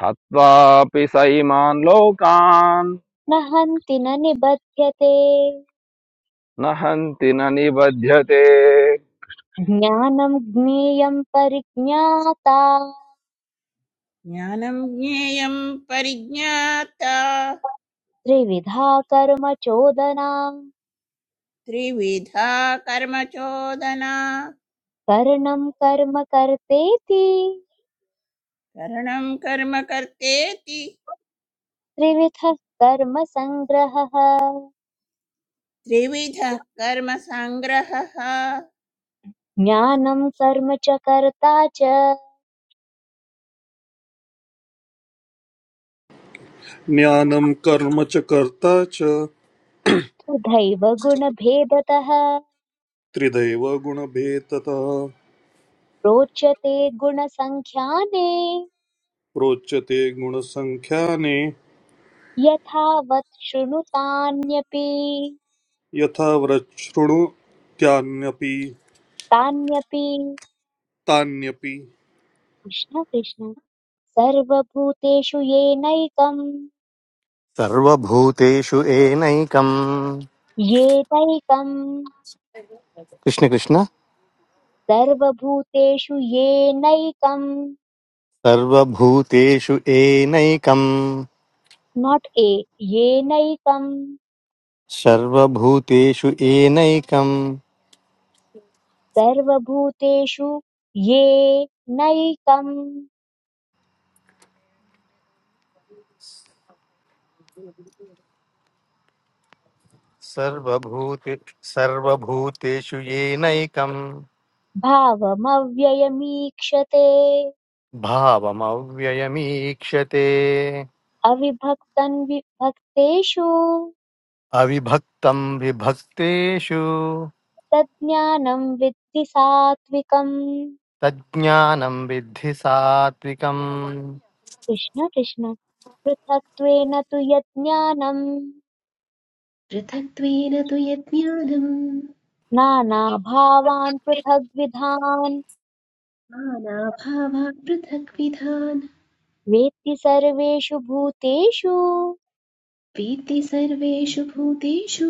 [SPEAKER 5] హత్వా పి సఈమాన లోకాన
[SPEAKER 1] न हन्ति न निबध्यते
[SPEAKER 5] నహంతి ననిబధ్యతే
[SPEAKER 1] ज्ञानं ज्ञेयं परिज्ञाता
[SPEAKER 6] ज्ञानं ज्ञेयं परिज्ञाता
[SPEAKER 1] त्रिविधा कर्म चोदना
[SPEAKER 6] त्रिविधा कर्मचोदना
[SPEAKER 1] कर्णं कर्म कर्तेति
[SPEAKER 6] करणं कर्म कर्तेति
[SPEAKER 1] त्रिविधः कर्मसङ्ग्रहः
[SPEAKER 6] त्रिविधः कर्मसङ्ग्रहः
[SPEAKER 1] ज्ञानम् कर्म च कर्ता च
[SPEAKER 8] ज्ञानं कर्म च कर्ता च
[SPEAKER 1] तथैव गुणभेदतः
[SPEAKER 8] त्रिदैव गुणभेदतः
[SPEAKER 1] रोचते गुणसङ्ख्याने
[SPEAKER 8] प्रोच्यते गुणसङ्ख्याने
[SPEAKER 1] यथावत् शृणु तान्यपि
[SPEAKER 8] यथा व्रच्छृणुत्यान्यपि
[SPEAKER 1] तान्यपि
[SPEAKER 8] तान्यपि
[SPEAKER 1] कृष्ण कृष्ण सर्वभूतेषु येनैकम्
[SPEAKER 7] सर्वभूतेषु एनैकम्
[SPEAKER 1] येनैकम्
[SPEAKER 7] कृष्ण कृष्ण
[SPEAKER 1] सर्वभूतेषु येनैकम्
[SPEAKER 7] सर्वभूतेषु एनैकम्
[SPEAKER 1] नाट् ए येनैकम्
[SPEAKER 7] सर्वभूतेषु एनैकम्
[SPEAKER 1] सर्वभूतेषु ये नैकं
[SPEAKER 7] सर्वभूते सर्वभूतेषु येनैकं
[SPEAKER 1] भावमव्ययमीक्षते
[SPEAKER 7] भावमव्ययमीक्षते
[SPEAKER 1] अविभक्तं विभक्तेषु
[SPEAKER 7] अविभक्तं विभक्तेषु
[SPEAKER 1] तज्ज्ञानं विद्धि सात्विकम्
[SPEAKER 7] तज्ज्ञानं विद्धि सात्विकम्
[SPEAKER 1] कृष्ण कृष्ण पृथक्त्वेन तु यज्ञानं
[SPEAKER 3] पृथक्त्वेन तु यज्ञानं
[SPEAKER 1] नानाभावान् पृथग्विधान्
[SPEAKER 3] नानाभावान् पृथग्विधान्
[SPEAKER 1] वेत्ति सर्वेषु भूतेषु
[SPEAKER 3] वेत्ति सर्वेषु भूतेषु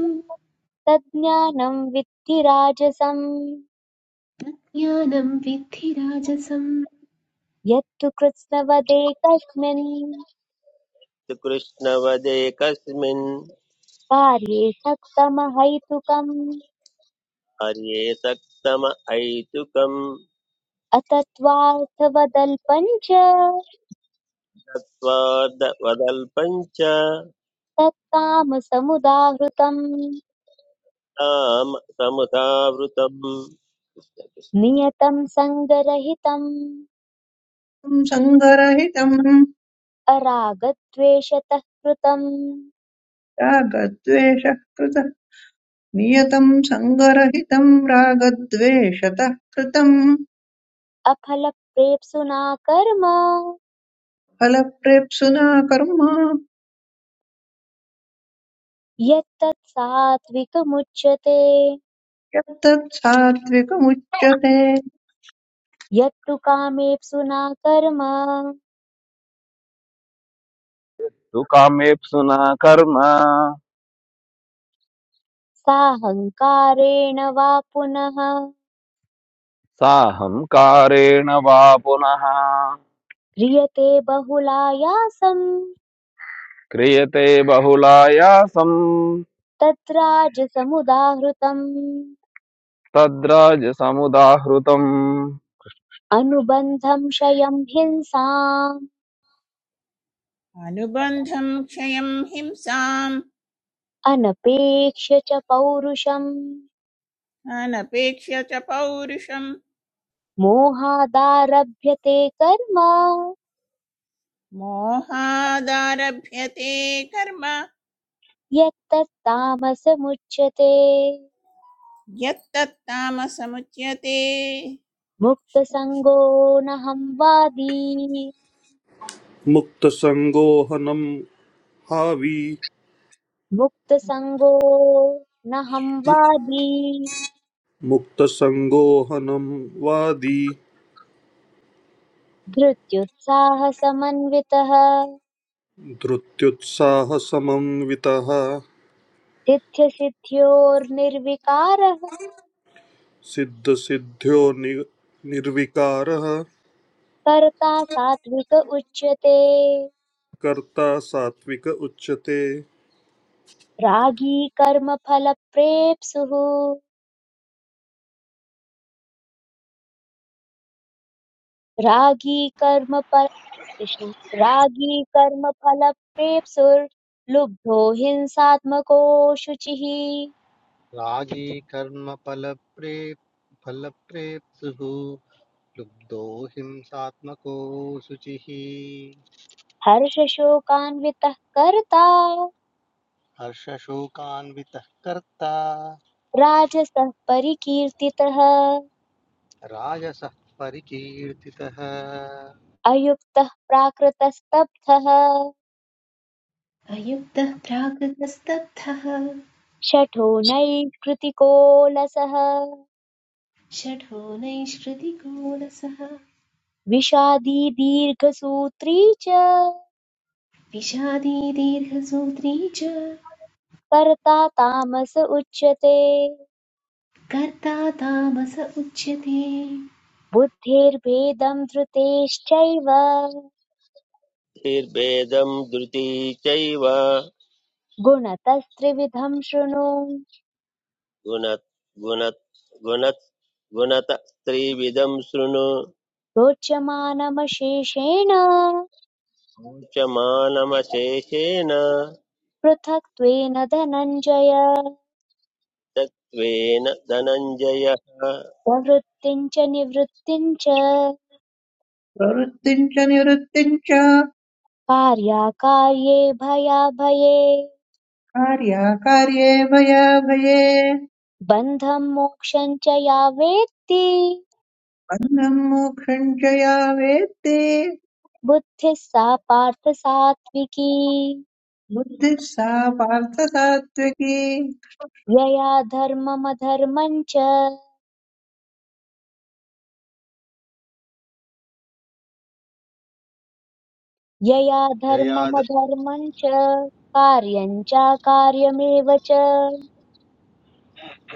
[SPEAKER 1] तज्ज्ञानं विद्धि राजसम्
[SPEAKER 3] तज्ज्ञानं विद्धि राजसम्
[SPEAKER 1] यत्तु कृत्स्नवदेकस्मिन्
[SPEAKER 2] कृष्णवदे कस्मिन्
[SPEAKER 1] कार्ये सक्तमहैतुकम्
[SPEAKER 2] कार्ये सक्तम ऐतुकं
[SPEAKER 1] अतत्त्वार्थवदल्पम् च
[SPEAKER 2] तत्त्वादवदल्पं च
[SPEAKER 1] तत्कामसमुदाहृतम्
[SPEAKER 2] ताम समुदावृतम्
[SPEAKER 1] नियतम् सङ्गरहितम्
[SPEAKER 4] संसङ्गरहितम्
[SPEAKER 1] अरागद्वेषतः कृतम्
[SPEAKER 4] Raghadveshökrada Míyatham, Sangarahi'tam, Raghadvesh сюда skrid
[SPEAKER 1] अफलप्रेप्सुना कर्म
[SPEAKER 4] harmony Harlan rang pret
[SPEAKER 1] यत्तत् सात्विकमुच्यते
[SPEAKER 4] деле
[SPEAKER 1] यत्तु कामेप्सुना कर्म
[SPEAKER 5] తుకామే ప్సున కర్మ
[SPEAKER 1] साहङ्कारेण वा पुनः
[SPEAKER 5] సాహం కారేన వాపు నహా
[SPEAKER 1] क्रियते बहुलायासम्
[SPEAKER 5] క్రియతే బహులాయాసం
[SPEAKER 1] तद्राजसमुदाहृतम्
[SPEAKER 5] తద్ర
[SPEAKER 1] अनुबन्धं क्षयं हिंसाम्
[SPEAKER 6] अनुबन्धं क्षयं हिंसाम्
[SPEAKER 1] अनपेक्ष्य च पौरुषम्
[SPEAKER 6] अनपेक्ष्य च पौरुषम्
[SPEAKER 1] मोहादारभ्यते कर्म
[SPEAKER 6] मोहादारभ्यते कर्म
[SPEAKER 1] यत्तत्तामसमुच्यते
[SPEAKER 6] यत्तत्तामसमुच्यते
[SPEAKER 1] मुक्तसङ्गो n'हं वादी
[SPEAKER 8] मुक्तसङ्गोऽहनं हावी
[SPEAKER 1] मुक्तसङ्गो n'हं वादी
[SPEAKER 8] मुक्तसङ्गोऽहनं वादी
[SPEAKER 1] धृत्युत्साहसमन्वितः
[SPEAKER 8] धृत्युत्साहसमन्वितः
[SPEAKER 1] सिद्ध्यसिद्ध्योर्निर्विकारः
[SPEAKER 8] सिद्धसिद्ध्यो नि निर्विकारः
[SPEAKER 1] कर्ता सात्विक उच्यते
[SPEAKER 8] कर्ता सात्विक उच्यते
[SPEAKER 1] रागी कर्मफलप्रेप्सुः रागी कर्म फल कृष्ण रागी कर्मफलप्रेप्सुर्लुब्धो हिंसात्मको शुचिः
[SPEAKER 7] रागी कर्म फल प्रेप फल प्रेप्सुः लुब्धो हिंसात्मको शुचिः
[SPEAKER 1] हर्षशोकान्वितः कर्ता
[SPEAKER 7] हर्षशोकान्वितः कर्ता
[SPEAKER 1] राजसः परिकीर्तितः
[SPEAKER 7] राजसः परिकीर्तितः
[SPEAKER 1] अयुक्तः प्राकृतस्तब्धः
[SPEAKER 3] अयुक्तः प्राकृतस्तब्धः
[SPEAKER 1] शठो नैष्कृतिको लसः
[SPEAKER 3] षठो नैष्कृतिकोणसः
[SPEAKER 1] विषादी दीर्घसूत्री च
[SPEAKER 3] विषादी दीर्घसूत्री च
[SPEAKER 1] कर्ता तामस उच्यते
[SPEAKER 3] कर्ता तामस उच्यते
[SPEAKER 1] बुद्धिर्भेदम् धृतेश्चैव
[SPEAKER 2] धीर्भेदं धृती चैव
[SPEAKER 1] गुणतस्त्रिविधम् शृणु
[SPEAKER 2] गुणत् गुणत् गुणत् गुणत त्रिविधं शृणु
[SPEAKER 1] रोचमानमशेषेण
[SPEAKER 2] शोचमानमशेषेण
[SPEAKER 1] पृथक्त्वेन धनञ्जय
[SPEAKER 2] तत्त्वेन धनञ्जयः
[SPEAKER 1] प्रवृत्तिम् च निवृत्तिम् च
[SPEAKER 4] sung narkaruh Tred yr dividing
[SPEAKER 1] कार्याकार्ये भयाभये
[SPEAKER 4] 획
[SPEAKER 1] बन्धम् मोक्षम् च या वेत्ति बुद्धिः सा पार्थ सात्विकी
[SPEAKER 4] salah hrabом
[SPEAKER 1] यया धर्ममधर्मम् च यया
[SPEAKER 7] जया
[SPEAKER 1] धर्ममधर्मम् च कार्यम् चाकार्यमेव च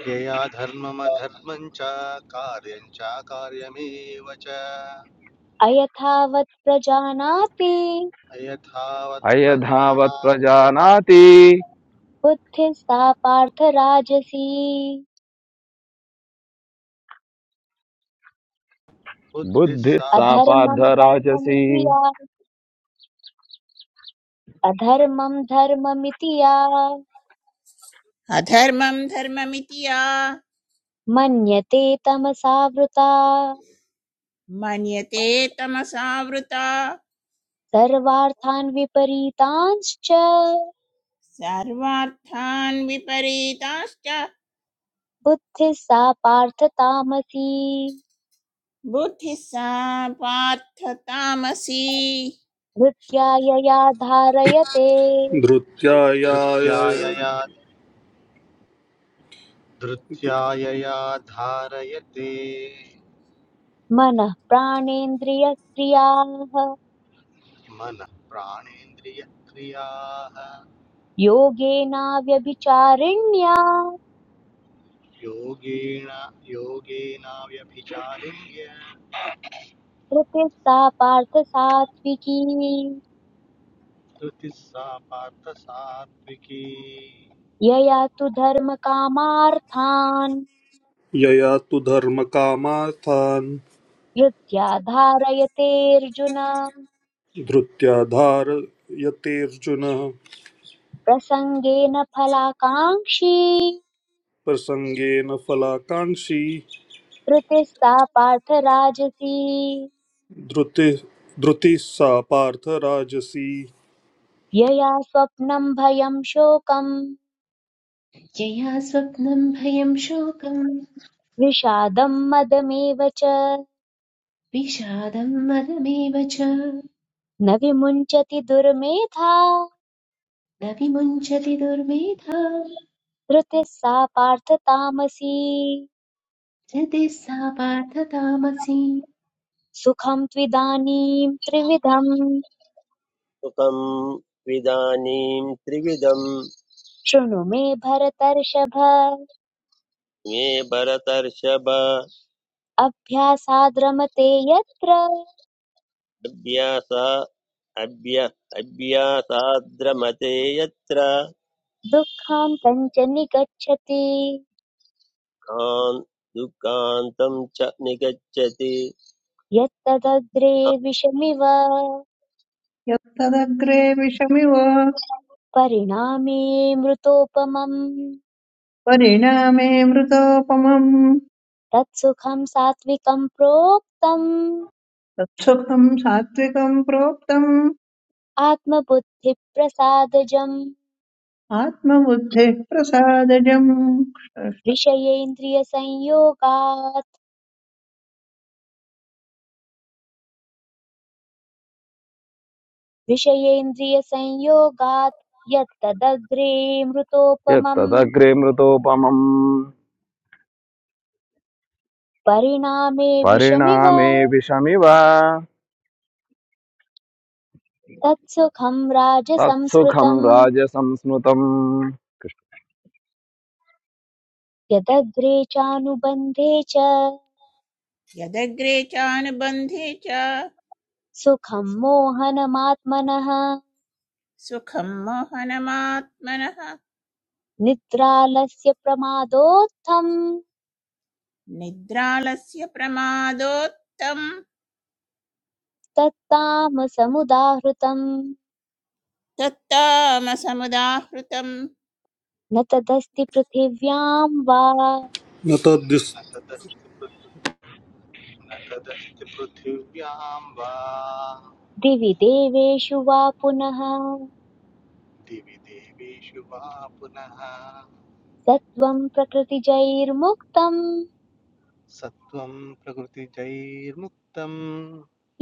[SPEAKER 7] यया धर्ममधर्मं च कार्यं च कार्यमेव च
[SPEAKER 1] अयथावत् प्रजानाति
[SPEAKER 7] अयथावत् प्रजाना
[SPEAKER 1] बुद्धिस्ता पार्थ राजसी
[SPEAKER 7] बुद्धिः सा
[SPEAKER 1] अधर्मम् धर्ममिति या अधर्मम् धर्ममिति या
[SPEAKER 6] अधर्मं धर्ममिति या
[SPEAKER 1] मन्यते तमसा वृता
[SPEAKER 6] मन्यते तमसावृता
[SPEAKER 1] सर्वार्थान् विपरीतांश्च
[SPEAKER 6] सर्वार्थान् विपरीताश्च
[SPEAKER 1] बुद्धिस्ता पार्थ तामसी
[SPEAKER 6] बुद्धिः सा पार्थ तामसी
[SPEAKER 1] धृत्या यया धारयते
[SPEAKER 7] धृत्या यया
[SPEAKER 8] धृत्यायाय
[SPEAKER 7] धृत्या यया धारयते
[SPEAKER 1] मनः प्राणेन्द्रियक्रियाः
[SPEAKER 7] मनः प्राणेन्द्रियक्रियाः
[SPEAKER 1] योगेनाव्यभिचारिण्या
[SPEAKER 7] योगेण योगेनाव्यभिचारिण्य
[SPEAKER 1] प्रकृता पार्थ सात्विकी
[SPEAKER 7] धृतिः सा पार्थ सात्विकी
[SPEAKER 1] यया तु धर्मकामार्थान्
[SPEAKER 8] यया तु धर्मकामार्थान्
[SPEAKER 1] वृत्त्या धारयतेऽर्जुन
[SPEAKER 8] धृत्या धारयतेऽर्जुन
[SPEAKER 1] प्रसङ्गेन फलाकाङ्क्षी
[SPEAKER 8] प्रसङ्गेन फलाकाङ्क्षी
[SPEAKER 1] कृतिस्ता पार्थ राजसी
[SPEAKER 8] धृति धृतिः सा पार्थ राजसी
[SPEAKER 1] यया स्वप्नम् भयम् शोकम्
[SPEAKER 3] यया स्वप्नं भयं शोकं
[SPEAKER 1] विषादम् मदमेव च
[SPEAKER 3] विषादं मदमेव च
[SPEAKER 1] न विमुञ्चति दुर्मेधा
[SPEAKER 3] न विमुञ्चति दुर्मेधा
[SPEAKER 1] धृतिः सा पार्थ तामसी
[SPEAKER 3] हृदि सा पार्थ तामसी
[SPEAKER 1] सुखं त्विदानीं त्रिविधं
[SPEAKER 2] सुखं विदानीं त्रिविधं
[SPEAKER 1] शृणु मे भरतर्षभ
[SPEAKER 2] मे भरतर्षभ
[SPEAKER 1] अभ्यासाद्रमते यत्र
[SPEAKER 2] अभ्यास अभ्य अभ्यासाद्रमते यत्र
[SPEAKER 1] दुःखं तञ्च निगच्छति
[SPEAKER 2] कान् दुःखान्तं च निगच्छति
[SPEAKER 1] यत्तदग्रे विषमिव
[SPEAKER 4] Yaltaćredhisameva
[SPEAKER 1] परिणामे मृतोपमम्
[SPEAKER 4] varina meemricsopam
[SPEAKER 1] तत्सुखं सात्विकं प्रोक्तम्
[SPEAKER 4] तत्सुखं सात्विकं प्रोक्तम्
[SPEAKER 1] आत्मबुद्धिप्रसादजम्
[SPEAKER 4] आत्मबुद्धेः प्रसादजम्
[SPEAKER 1] विषयेन्द्रियसंयोगात् विषयेन्द्रियसंयोगात् यत्तदग्रे मृतोपमम् परिणामे विषमिव
[SPEAKER 5] परिणामे विषमिव
[SPEAKER 1] तत्सुखम् राजसं
[SPEAKER 5] तत्सुखं
[SPEAKER 1] स्मृतम्
[SPEAKER 5] राजसंस्मृतम्
[SPEAKER 1] यदग्रे चानुबन्धे च
[SPEAKER 6] यदग्रे चानुबन्धे च
[SPEAKER 1] सुखम् मोहनमात्मनः
[SPEAKER 6] सुखं मोहनमात्मनः
[SPEAKER 1] निद्रालस्य प्रमादोत्थम्
[SPEAKER 6] निद्रालस्य प्रमादोत्तं
[SPEAKER 1] तत्तामसमुदाहृतम्
[SPEAKER 6] तत्तामसमुदाहृतं
[SPEAKER 1] न तदस्ति पृथिव्याम् वा
[SPEAKER 8] न तद्दिस्
[SPEAKER 7] तदस्ति पृ- तदस्ति पृथिव्यां वा
[SPEAKER 1] दिवि देवेषु वा पुनः
[SPEAKER 7] दिवि देवेषु वा पुनः
[SPEAKER 1] सत्त्वं प्रकृतिजैर्मुक्तम्
[SPEAKER 7] सत्त्वं प्रकृतिजैर्मुक्तं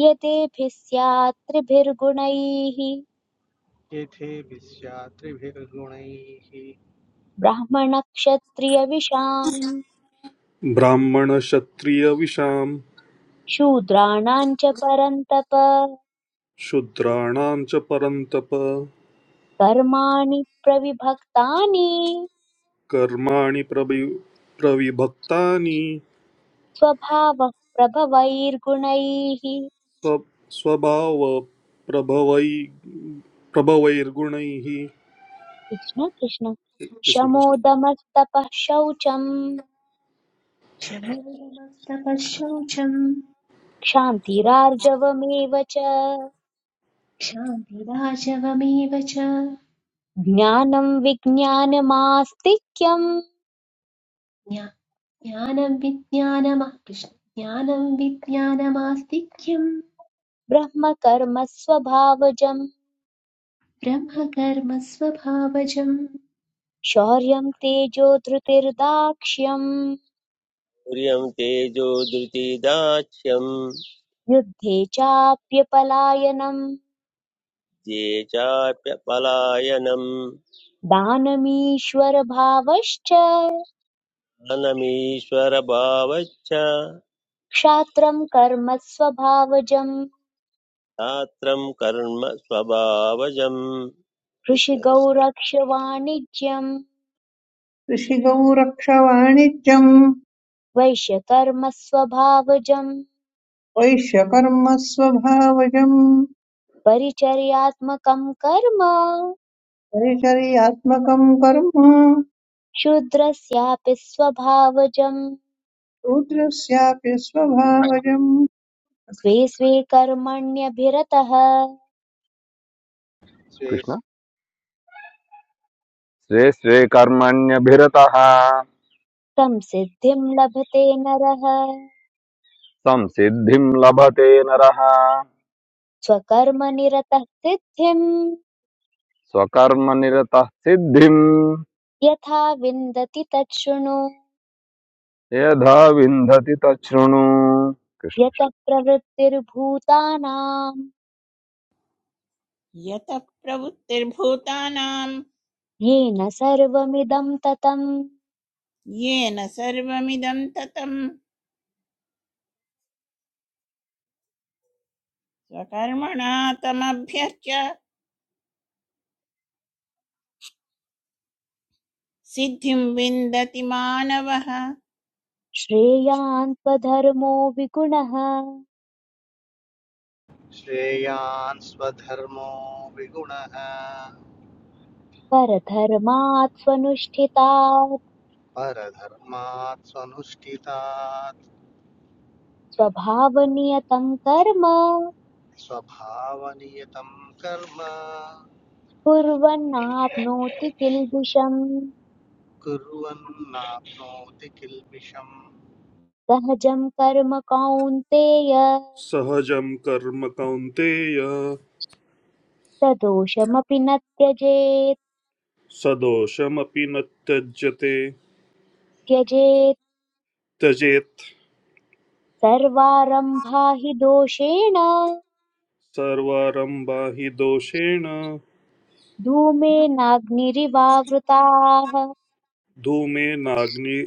[SPEAKER 1] यतेभिः स्यात् त्रिभिर्गुणैः
[SPEAKER 7] येथेभिस्यात्रिभिर्गुणैः
[SPEAKER 1] ब्राह्मणक्षत्रियविशाम्
[SPEAKER 8] ब्राह्मणक्षत्रियविषां
[SPEAKER 1] शूद्राणाम् च परन्तप
[SPEAKER 8] शूद्राणां च परन्तप
[SPEAKER 1] कर्माणि प्रविभक्तानि
[SPEAKER 8] कर्माणि प्रवि प्रविभक्तानि
[SPEAKER 1] स्वभावः प्रभवैर्गुणैः
[SPEAKER 8] स्व स्वभावप्रभवै प्रभवैर्गुणैः
[SPEAKER 1] कृष्ण कृष्ण
[SPEAKER 8] कृष्ण कृष्ण।
[SPEAKER 1] शमोदमस्तपः शौचम्
[SPEAKER 3] क्षमोदमस्तपः शौचम्
[SPEAKER 1] क्षान्तिरार्जवमेव च
[SPEAKER 3] क्षान्तिराजवमेव च
[SPEAKER 1] ज्ञानम् विज्ञानमास्तिक्यम्
[SPEAKER 3] ज्ञानं विज्ञानमा कृष्ण ज्ञानं विज्ञानमास्तिक्यं
[SPEAKER 1] ब्रह्मकर्म स्वभावजम्
[SPEAKER 3] ब्रह्मकर्मस्वभावजम्
[SPEAKER 1] शौर्यं तेजो धृतिर्दाक्ष्यम्
[SPEAKER 2] आर्यं तेजो धृतिदाक्ष्यम्
[SPEAKER 1] युद्धे चाप्यपलायनम्
[SPEAKER 2] ये चाप्यपलायनम्
[SPEAKER 1] दानमीश्वरभावश्च
[SPEAKER 2] ज्ञानमीश्वरभावच्च
[SPEAKER 1] क्षात्रं कर्म स्वभावजम्
[SPEAKER 2] छात्रं कर्म स्वभावजम् कृष्णकृष्ण
[SPEAKER 1] कृषिगौरक्षवाणिज्यम्
[SPEAKER 4] ऋषिगौरक्षवाणिज्यम्
[SPEAKER 1] वैश्यकर्म स्वभावजम्
[SPEAKER 4] वैश्यकर्म स्वभावजम्
[SPEAKER 1] परिचर्यात्मकं कर्म
[SPEAKER 4] परिचर्यात्मकं कर्म
[SPEAKER 1] शूद्रस्यापि स्वभावजम्
[SPEAKER 4] शूद्रस्यापि स्वभावजम्
[SPEAKER 1] स्वे स्वे कर्मण्यभिरतः
[SPEAKER 7] स्वे
[SPEAKER 5] कृष्ण स्वे स्वे कर्मण्यभिरतः
[SPEAKER 1] संसिद्धिं लभते नरः
[SPEAKER 5] संसिद्धिं लभते नरः
[SPEAKER 1] स्वकर्मनिरतः सिद्धिम्
[SPEAKER 5] स्वकर्मनिरतः सिद्धिं
[SPEAKER 1] यथा विन्दति तत् शृणु
[SPEAKER 5] यथा विन्दति तच्छृणु कृष्ण
[SPEAKER 1] यतः प्रवृत्तिर्भूतानाम्
[SPEAKER 6] यतः प्रवृत्तिर्भूतानां
[SPEAKER 1] येन सर्वमिदं ततम्
[SPEAKER 6] येन सर्वमिदं ततं स्वकर्मणा तमभ्यर्च्य सिद्धिं विन्दति मानवः
[SPEAKER 1] श्रेयान् स्वधर्मो विगुणः
[SPEAKER 7] श्रेयान् स्वधर्मो विगुणः
[SPEAKER 1] परधर्मात् स्वनुष्ठितात्
[SPEAKER 7] परधर्मात् स्वनुष्ठितात्
[SPEAKER 1] स्वभावनियतं कर्म
[SPEAKER 7] स्वभावनियतं कर्म
[SPEAKER 1] कुर्वन्नाप्नोति किल्बिषम् सहजं कर्म कौन्तेय
[SPEAKER 8] सहजं कर्म कौन्तेय
[SPEAKER 1] सदोषमपि न त्यजेत्
[SPEAKER 8] सदोषमपि न त्यज्यते
[SPEAKER 1] त्यजेत्
[SPEAKER 8] त्यजेत्
[SPEAKER 1] सर्वारम्भा हि दोषेण
[SPEAKER 8] सर्वारम्भा हि दोषेण
[SPEAKER 1] धूमेनाग्निरिवावृताः
[SPEAKER 8] धूमेनाग्नि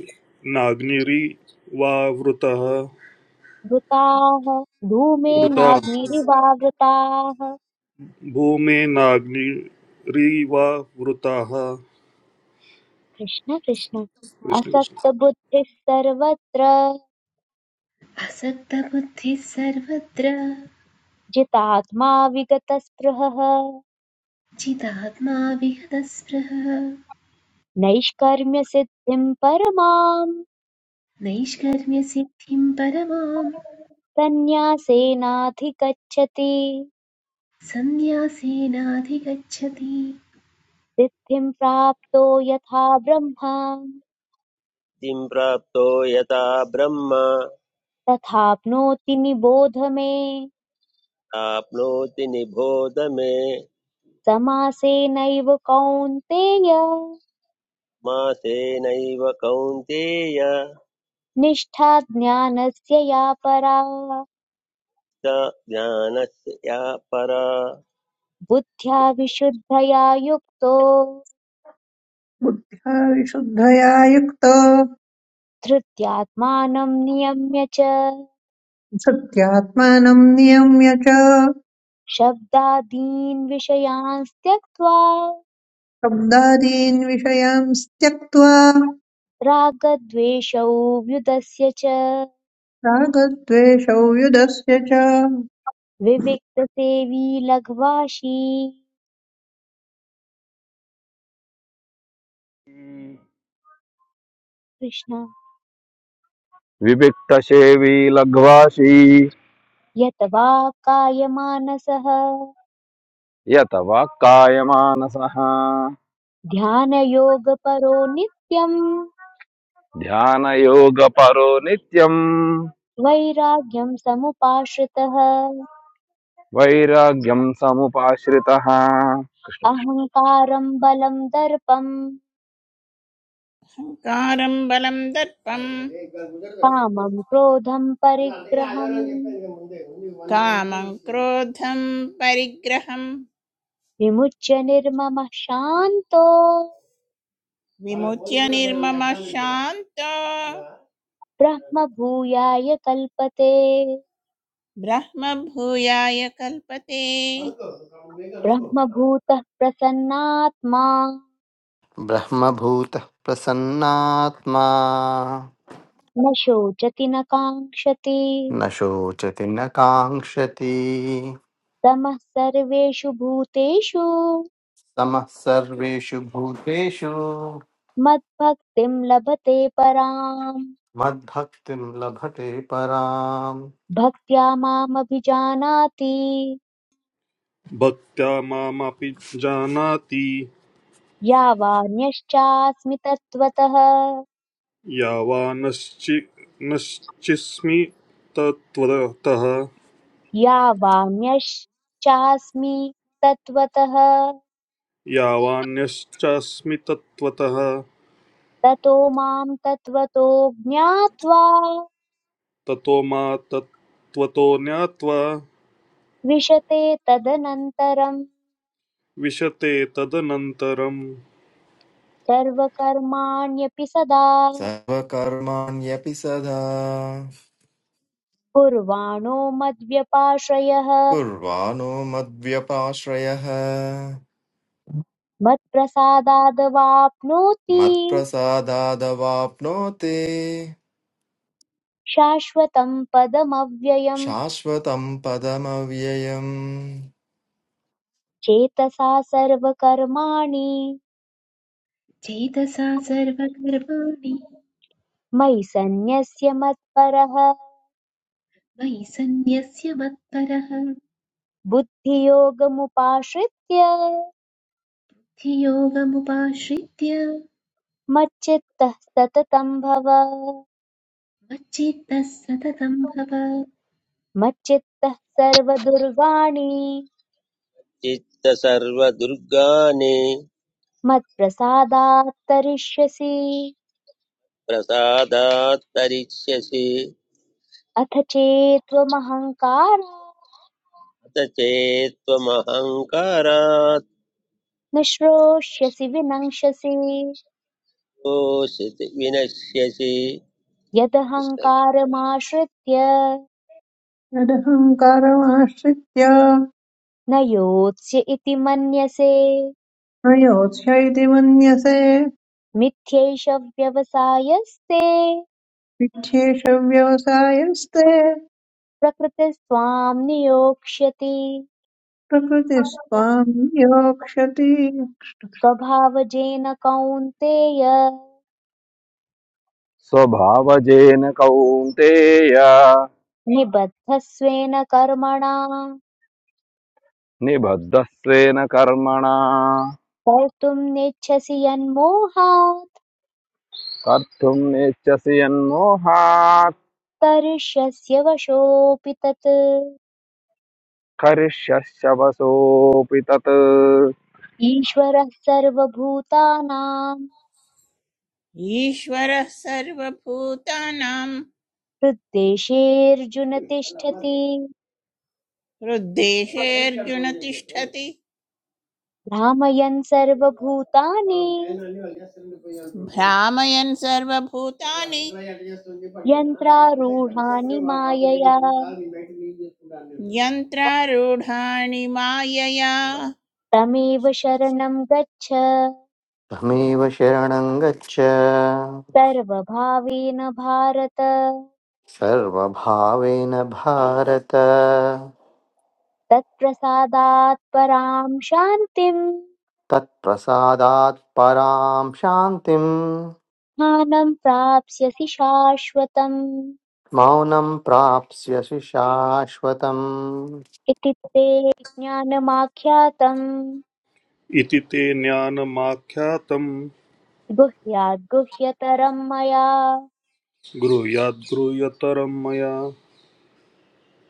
[SPEAKER 8] नाग्निरिवावृतः
[SPEAKER 1] वृताः
[SPEAKER 8] वृता
[SPEAKER 1] धूमेनाग्निरिवावृताः
[SPEAKER 8] भूमेनाग्निरिवावृताः
[SPEAKER 1] कृष्ण कृष्ण
[SPEAKER 8] कृष्ण कृष्ण
[SPEAKER 1] असक्तबुद्धिः सर्वत्र
[SPEAKER 3] असक्तबुद्धिः सर्वत्र
[SPEAKER 1] जितात्मा विगतस्पृहः
[SPEAKER 3] जितात्मा विहतस्पृहः
[SPEAKER 1] नैष्कर्म्यसिद्धिं परमाम्
[SPEAKER 3] नैष्कर्म्यसिद्धिं परमां
[SPEAKER 1] सन्न्यासेनाधिगच्छति
[SPEAKER 3] सन्न्यासेनाधिगच्छति
[SPEAKER 1] सिद्धिं प्राप्तो यथा ब्रह्मा
[SPEAKER 2] किं प्राप्तो यथा ब्रह्म
[SPEAKER 1] तथाप्नोति निबोध मे
[SPEAKER 2] प्राप्नोति निबोध मे
[SPEAKER 1] समासेनैव कौन्तेय
[SPEAKER 2] मासेनैव कौन्तेय
[SPEAKER 1] निष्ठा ज्ञानस्य या परा
[SPEAKER 2] स ज्ञानस्य या परा
[SPEAKER 1] बुद्ध्या विशुद्धया युक्तो
[SPEAKER 4] बुद्ध्या विशुद्धया युक्त
[SPEAKER 1] धृत्यात्मानं नियम्य च
[SPEAKER 4] सत्यात्मानं नियम्य च
[SPEAKER 1] शब्दादीन् विषयान् त्यक्त्वा
[SPEAKER 4] शब्दादीन् विषयांस् त्यक्त्वा
[SPEAKER 1] रागद्वेषौ व्युदस्य च
[SPEAKER 4] रागद्वेषौ युधस्य च
[SPEAKER 1] विविक्तसेवी लघ्वाशी
[SPEAKER 5] कृष्ण।
[SPEAKER 1] कृष्ण
[SPEAKER 5] विविक्तसेवी लघ्वासी
[SPEAKER 1] यत वा कायमानसः
[SPEAKER 5] यत वाक्कायमानसः
[SPEAKER 1] ध्यानयोगपरो नित्यम्
[SPEAKER 5] ध्यानयोगपरो नित्यम्
[SPEAKER 1] वैराग्यं समुपाश्रितः
[SPEAKER 5] वैराग्यं समुपाश्रितः
[SPEAKER 1] अहङ्कारं बलं दर्पं
[SPEAKER 6] अहङ्कारं बलं दर्पं
[SPEAKER 1] कामं क्रोधं परिग्रहम्
[SPEAKER 6] कामं क्रोधं परिग्रहं
[SPEAKER 1] विमुच्य निर्ममः शान्तो
[SPEAKER 6] विमुच्य निर्मम शांत
[SPEAKER 1] ब्रह्मभूयाय कल्पते
[SPEAKER 6] ब्रह्म भूयाय कल्पते
[SPEAKER 1] ब्रह्मभूतः प्रसन्नात्मा
[SPEAKER 7] ब्रह्मभूतः प्रसन्नात्मा
[SPEAKER 1] न शोचति न काङ्क्षति
[SPEAKER 7] न शोचति न काङ्क्षति
[SPEAKER 1] समः सर्वेषु भूतेषु
[SPEAKER 7] समः सर्वेषु भूतेषु
[SPEAKER 1] मद्भक्तिं लभते पराम्
[SPEAKER 7] मद्भक्तिं लभते पराम्
[SPEAKER 1] भक्त्या मामभिजानाति
[SPEAKER 8] भक्त्या मामपि जानाति
[SPEAKER 1] या वाण्यश्चास्मि तत्त्वतः
[SPEAKER 8] यावानश्चि नश्चिस्मि तत्त्वतः
[SPEAKER 1] या वाण्यश्चास्मि तत्त्वतः
[SPEAKER 8] यावान्यश्चास्मि तत्त्वतः
[SPEAKER 1] ततो मां तत्त्वतो ज्ञात्वा
[SPEAKER 8] ततो मा तत्त्वतो ज्ञात्वा
[SPEAKER 1] विशते तदनन्तरं
[SPEAKER 8] विशते तदनन्तरम्
[SPEAKER 1] सर्वकर्माण्यपि सदा
[SPEAKER 9] सर्वकर्माण्यपि सदा
[SPEAKER 1] कुर्वाणो मद्व्यपाश्रयः
[SPEAKER 9] कुर्वाणो मद्व्यपाश्रयः
[SPEAKER 1] मत्प्रसादादवाप्नोति
[SPEAKER 9] मत्प्रसादादवाप्नोति
[SPEAKER 1] शाश्वतं पदमव्ययम्
[SPEAKER 9] शाश्वतं पदमव्ययम्
[SPEAKER 1] चेतसा सर्वकर्माणि
[SPEAKER 3] चेतसा सर्वकर्माणि
[SPEAKER 1] मयि सन्न्यस्य मत्परः
[SPEAKER 3] मयि सन्न्यस्य मत्परः
[SPEAKER 1] बुद्धियोगमुपाश्रित्य
[SPEAKER 3] धियोगमुपाश्रित्य
[SPEAKER 1] मच्चित्तः सततं भव
[SPEAKER 3] मच्चित्तः सततं भव
[SPEAKER 1] मच्चित्तः सर्वदुर्गाणि
[SPEAKER 2] चित्तसर्वदुर्गाणि
[SPEAKER 1] मत्प्रसादात् तरिष्यसि
[SPEAKER 2] प्रसादात् तरिष्यसि
[SPEAKER 1] अथ चेत्त्वमहङ्कार
[SPEAKER 2] अथ चेत्त्वमहङ्कारात्
[SPEAKER 1] न विनङ्क्षसि
[SPEAKER 2] तोषित विनश्यसि कृष्ण
[SPEAKER 1] यदहङ्कारमाश्रित्य
[SPEAKER 4] यदहङ्कारमाश्रित्य
[SPEAKER 1] न योत्स्य इति मन्यसे
[SPEAKER 4] न योत्स्य इति मन्यसे
[SPEAKER 1] मिथ्यैष व्यवसायस्ते
[SPEAKER 4] विच्छेष व्यवसायस्ते
[SPEAKER 1] प्रकृतिः स्वां नियोक्ष्यति
[SPEAKER 4] प्रकृतिस्त्वां योक्ष्यति
[SPEAKER 1] स्वभावजेन कौन्तेय
[SPEAKER 5] स्वभावजेन कौन्तेय
[SPEAKER 1] निबद्धस्वेन कर्मणा
[SPEAKER 5] निबद्धः स्वेन कर्मणा
[SPEAKER 1] कर्तुं नेच्छसि यन्मोहात्
[SPEAKER 5] कर्तुम् नेच्छसि यन्मोहात्
[SPEAKER 1] करिष्यस्य वशोऽपि तत्
[SPEAKER 5] करिष्यशवसोऽपि तत्
[SPEAKER 1] ईश्वरः सर्वभूतानां
[SPEAKER 6] ईश्वर सर्वभूतानां
[SPEAKER 1] हृद्देशेऽर्जुन तिष्ठति
[SPEAKER 6] हृद्देशे अर्जुन तिष्ठति
[SPEAKER 1] भ्रामयन् सर्वभूतानि
[SPEAKER 6] भ्रामयन् सर्वभूतानि
[SPEAKER 1] यन्त्रारूढानि मायया
[SPEAKER 6] यन्त्रारूढाणि मायया
[SPEAKER 1] तमेव शरणं गच्छ
[SPEAKER 7] तमेव शरणं गच्छ
[SPEAKER 1] सर्वभावेन भारत
[SPEAKER 7] सर्वभावेन भारत
[SPEAKER 1] तत्प्रसादात् परां शान्तिम्
[SPEAKER 7] तत्प्रसादात् परां शान्तिं
[SPEAKER 1] ज्ञानं प्राप्स्यसि शाश्वतम्
[SPEAKER 7] मौनं प्राप्स्यसि शाश्वतम्
[SPEAKER 1] इति ते ज्ञानमाख्यातम्
[SPEAKER 8] इति ते ज्ञानमाख्यातं
[SPEAKER 1] गुह्याद् गुह्यतरम् मया
[SPEAKER 8] गृह्याद्गृह्यतरं मया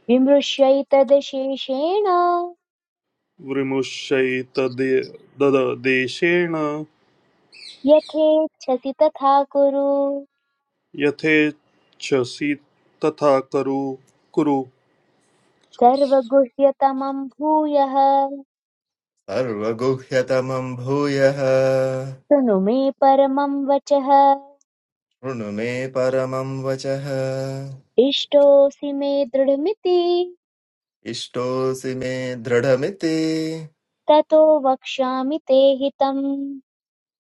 [SPEAKER 1] विमृश्यैतदशेषेण
[SPEAKER 8] विमुष्यैतदेशेण
[SPEAKER 1] यथेच्छसि तथा कुरु
[SPEAKER 8] यथेच्छसि तथा कुरु कुरु
[SPEAKER 1] सर्वगुह्यतमम् भूयः
[SPEAKER 9] सर्वगुह्यतमं भूयः शृणु
[SPEAKER 1] शृणु मे परमं वचः
[SPEAKER 9] मे परमं वचः
[SPEAKER 1] इष्टोऽसि मे दृढमिति
[SPEAKER 9] इष्टोऽसि मे दृढमिति
[SPEAKER 1] ततो वक्ष्यामि ते हितम्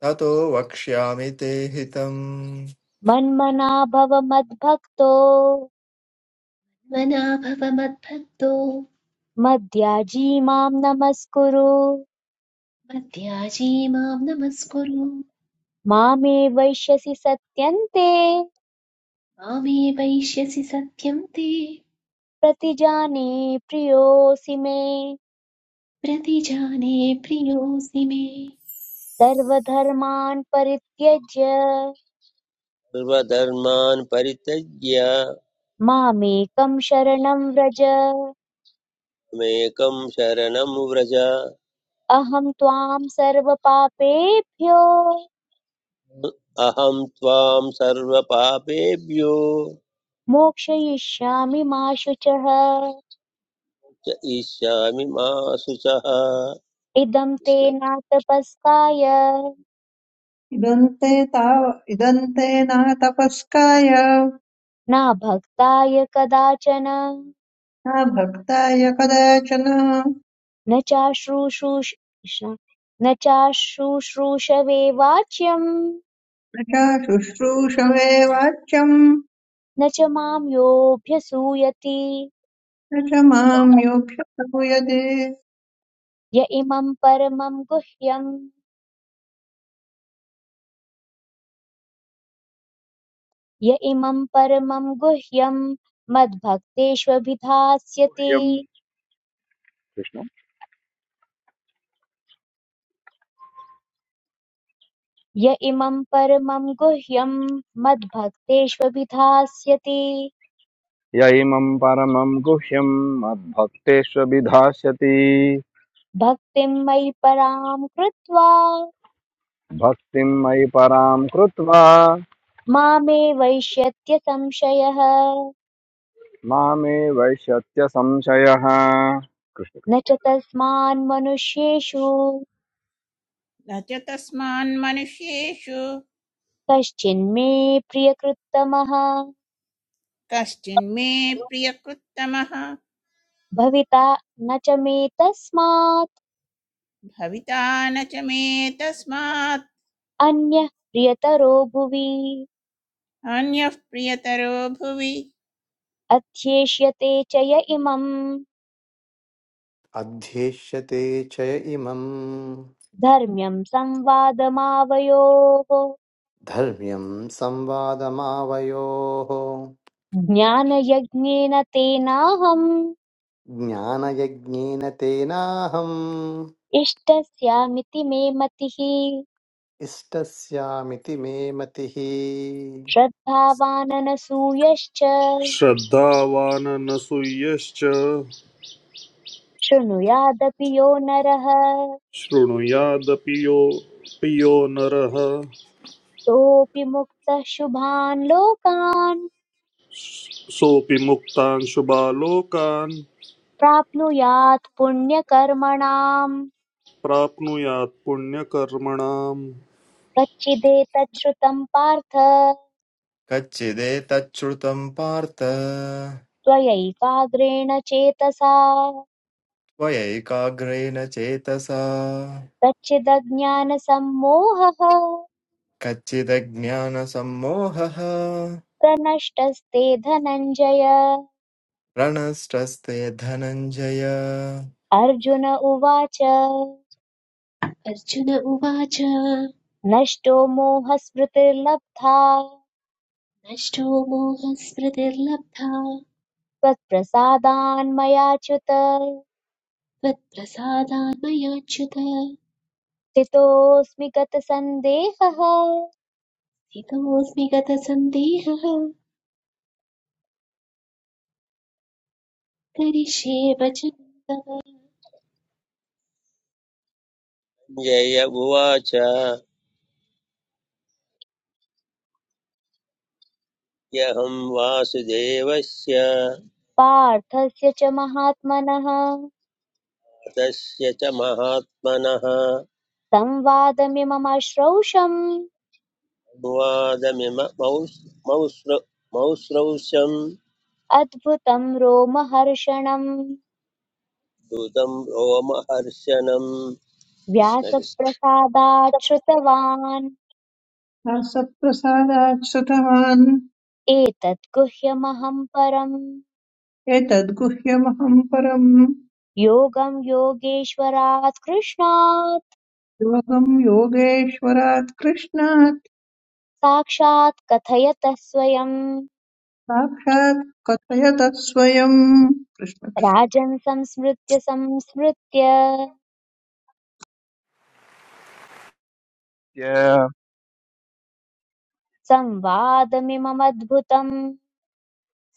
[SPEAKER 9] ततो वक्ष्यामि ते हितम्
[SPEAKER 1] मन्मना भव मद्भक्तो
[SPEAKER 3] मना भव मद्भक्तो
[SPEAKER 1] मद्याजी मां नमस्कुरु
[SPEAKER 3] मद्याजी मां नमस्कुरु
[SPEAKER 1] मामे वैश्यसि सत्यन्ते
[SPEAKER 3] मामे वैश्यसि सत्यं ते
[SPEAKER 1] प्रतिजाने प्रियोऽसि मे
[SPEAKER 3] प्रतिजाने प्रियोऽसि मे
[SPEAKER 1] सर्वधर्मान् परित्यज्य
[SPEAKER 2] सर्वधर्मान् परित्यज्य
[SPEAKER 1] मामेकं शरणं व्रज
[SPEAKER 2] मेकं शरणं व्रज
[SPEAKER 1] अहं त्वां सर्वपापेभ्यो
[SPEAKER 2] अहं त्वां सर्वपापेभ्यो
[SPEAKER 1] मोक्षयिष्यामि मा शुचः
[SPEAKER 2] च इष्यामि मा शुचः कृष्ण
[SPEAKER 1] इदं ते नातपस्काय
[SPEAKER 4] इदन्ते ताव इदन्ते न तपस्काय
[SPEAKER 1] न भक्ताय कदाचन
[SPEAKER 4] न भक्ताय कदाचन न
[SPEAKER 1] न चाश्रुशुष कृष्ण न चाशुश्रूषवे वाच्यम्
[SPEAKER 4] च शुश्रूषवे वाच्यम्
[SPEAKER 1] न च माम् योऽभ्यसूयति
[SPEAKER 4] न च मां योक्ष्य प्रभूयते
[SPEAKER 1] य इमम् परमम् गुह्यम् य इमम् परमम् गुह्यम् मद्भक्तेष्वभिधास्यति
[SPEAKER 5] ह्यम् कृष्ण
[SPEAKER 1] य इमम् परमम् गुह्यम् मद्भक्तेष्वभिधास्यति
[SPEAKER 5] य इमम् परमम् गुह्यम् मद्भक्तेष्व विधास्यति
[SPEAKER 1] भक्तिम् मयि पराम् कृत्वा
[SPEAKER 5] भक्तिम् मयि पराम् कृत्वा
[SPEAKER 1] मामे वैश्यत्य संशयः
[SPEAKER 5] मामे वैशत्य संशयः कृष्ण
[SPEAKER 1] न च तस्मान्मनुष्येषु
[SPEAKER 6] न च तस्मान् मनुष्येषु
[SPEAKER 1] कश्चिन्मे प्रियकृत्तमः
[SPEAKER 6] कश्चिन्मे प्रियकृत्तमः
[SPEAKER 1] भविता न च मे तस्मात्
[SPEAKER 6] भविता न च मे तस्मात्
[SPEAKER 1] अन्यः प्रियतरो भुवि
[SPEAKER 6] अन्यः प्रियतरो भुवि
[SPEAKER 1] अध्येष्यते च य इमम्
[SPEAKER 7] अध्येष्यते च इमं
[SPEAKER 1] धर्म्यम् संवादमावयोः
[SPEAKER 7] धर्म्यं संवादमावयोः
[SPEAKER 1] ज्ञानयज्ञेन तेनाहम्
[SPEAKER 7] ज्ञानयज्ञेन तेनाहम्
[SPEAKER 1] इष्टस्यामिति मे मतिः
[SPEAKER 7] इष्टस्यामिति मे मतिः
[SPEAKER 1] श्रद्धावाननसूयश्च
[SPEAKER 8] श्रद्धावान् न सूयश्च
[SPEAKER 1] शृणुयादपि यो नरः
[SPEAKER 8] शृणुयादपि यो पियो नरः
[SPEAKER 1] सोऽपि मुक्तः शुभान् लोकान्
[SPEAKER 8] सोऽपि मुक्तान् शुभालोकान्
[SPEAKER 1] प्राप्नुयात् पुण्यकर्मणाम्
[SPEAKER 8] प्राप्नुयात् पुण्यकर्मणाम्
[SPEAKER 1] कच्चिदेतत् श्रुतम् पार्थ
[SPEAKER 9] कच्चिदेतच्छ्रुतम् पार्थ
[SPEAKER 1] त्वयैकाग्रेण चेतसा
[SPEAKER 9] त्वयैकाग्रेण चेतसा
[SPEAKER 1] कच्चिदज्ञानसम्मोहः
[SPEAKER 9] कच्चिदज्ञानसम्मोहः
[SPEAKER 1] प्रनष्टस्ते धनञ्जय
[SPEAKER 9] रणष्टस्ते धनञ्जय
[SPEAKER 1] अर्जुन उवाच
[SPEAKER 3] अर्जुन उवाच
[SPEAKER 1] नष्टो मोहस्मृतिर्लब्धा
[SPEAKER 3] नष्टो मोहस्मृतिर्लब्धा
[SPEAKER 1] त्वत्प्रसादान् मया च्युत
[SPEAKER 3] त्वत्प्रसादान् मयाच्युत
[SPEAKER 1] स्थितोऽस्मि गतसन्देहः
[SPEAKER 3] स्थितोऽस्मि गतसन्देहः करिष्ये वचनं तव
[SPEAKER 2] जय उवाच ह्यहं वासुदेवस्य
[SPEAKER 1] पार्थस्य च महात्मनः
[SPEAKER 2] तस्य च महात्मनः
[SPEAKER 1] संवादमिममश्रौषम्
[SPEAKER 2] अनुवादमिम मौस् मौस्र मौस्रौषं
[SPEAKER 1] अद्भुतं रोमहर्षणम्
[SPEAKER 2] दूतं रोमहर्षणम् कृष्ण कृष्ण
[SPEAKER 1] व्यासप्रसादात् श्रुतवान्
[SPEAKER 4] दासप्रसादात् श्रुतवान्
[SPEAKER 1] एतत् गुह्यमहं परम्
[SPEAKER 4] एतद्गुह्यमहं परम्
[SPEAKER 1] योगं योगेश्वरात् कृष्णात्
[SPEAKER 4] योगं योगेश्वरात् कृष्णात्
[SPEAKER 1] साक्षात् कथयतः स्वयम्
[SPEAKER 4] साक्षात् कथयतः स्वयम् कृष्ण कृष्ण।
[SPEAKER 1] राजन् संस्मृत्य संस्मृत्य संवादमिममद्भुतम्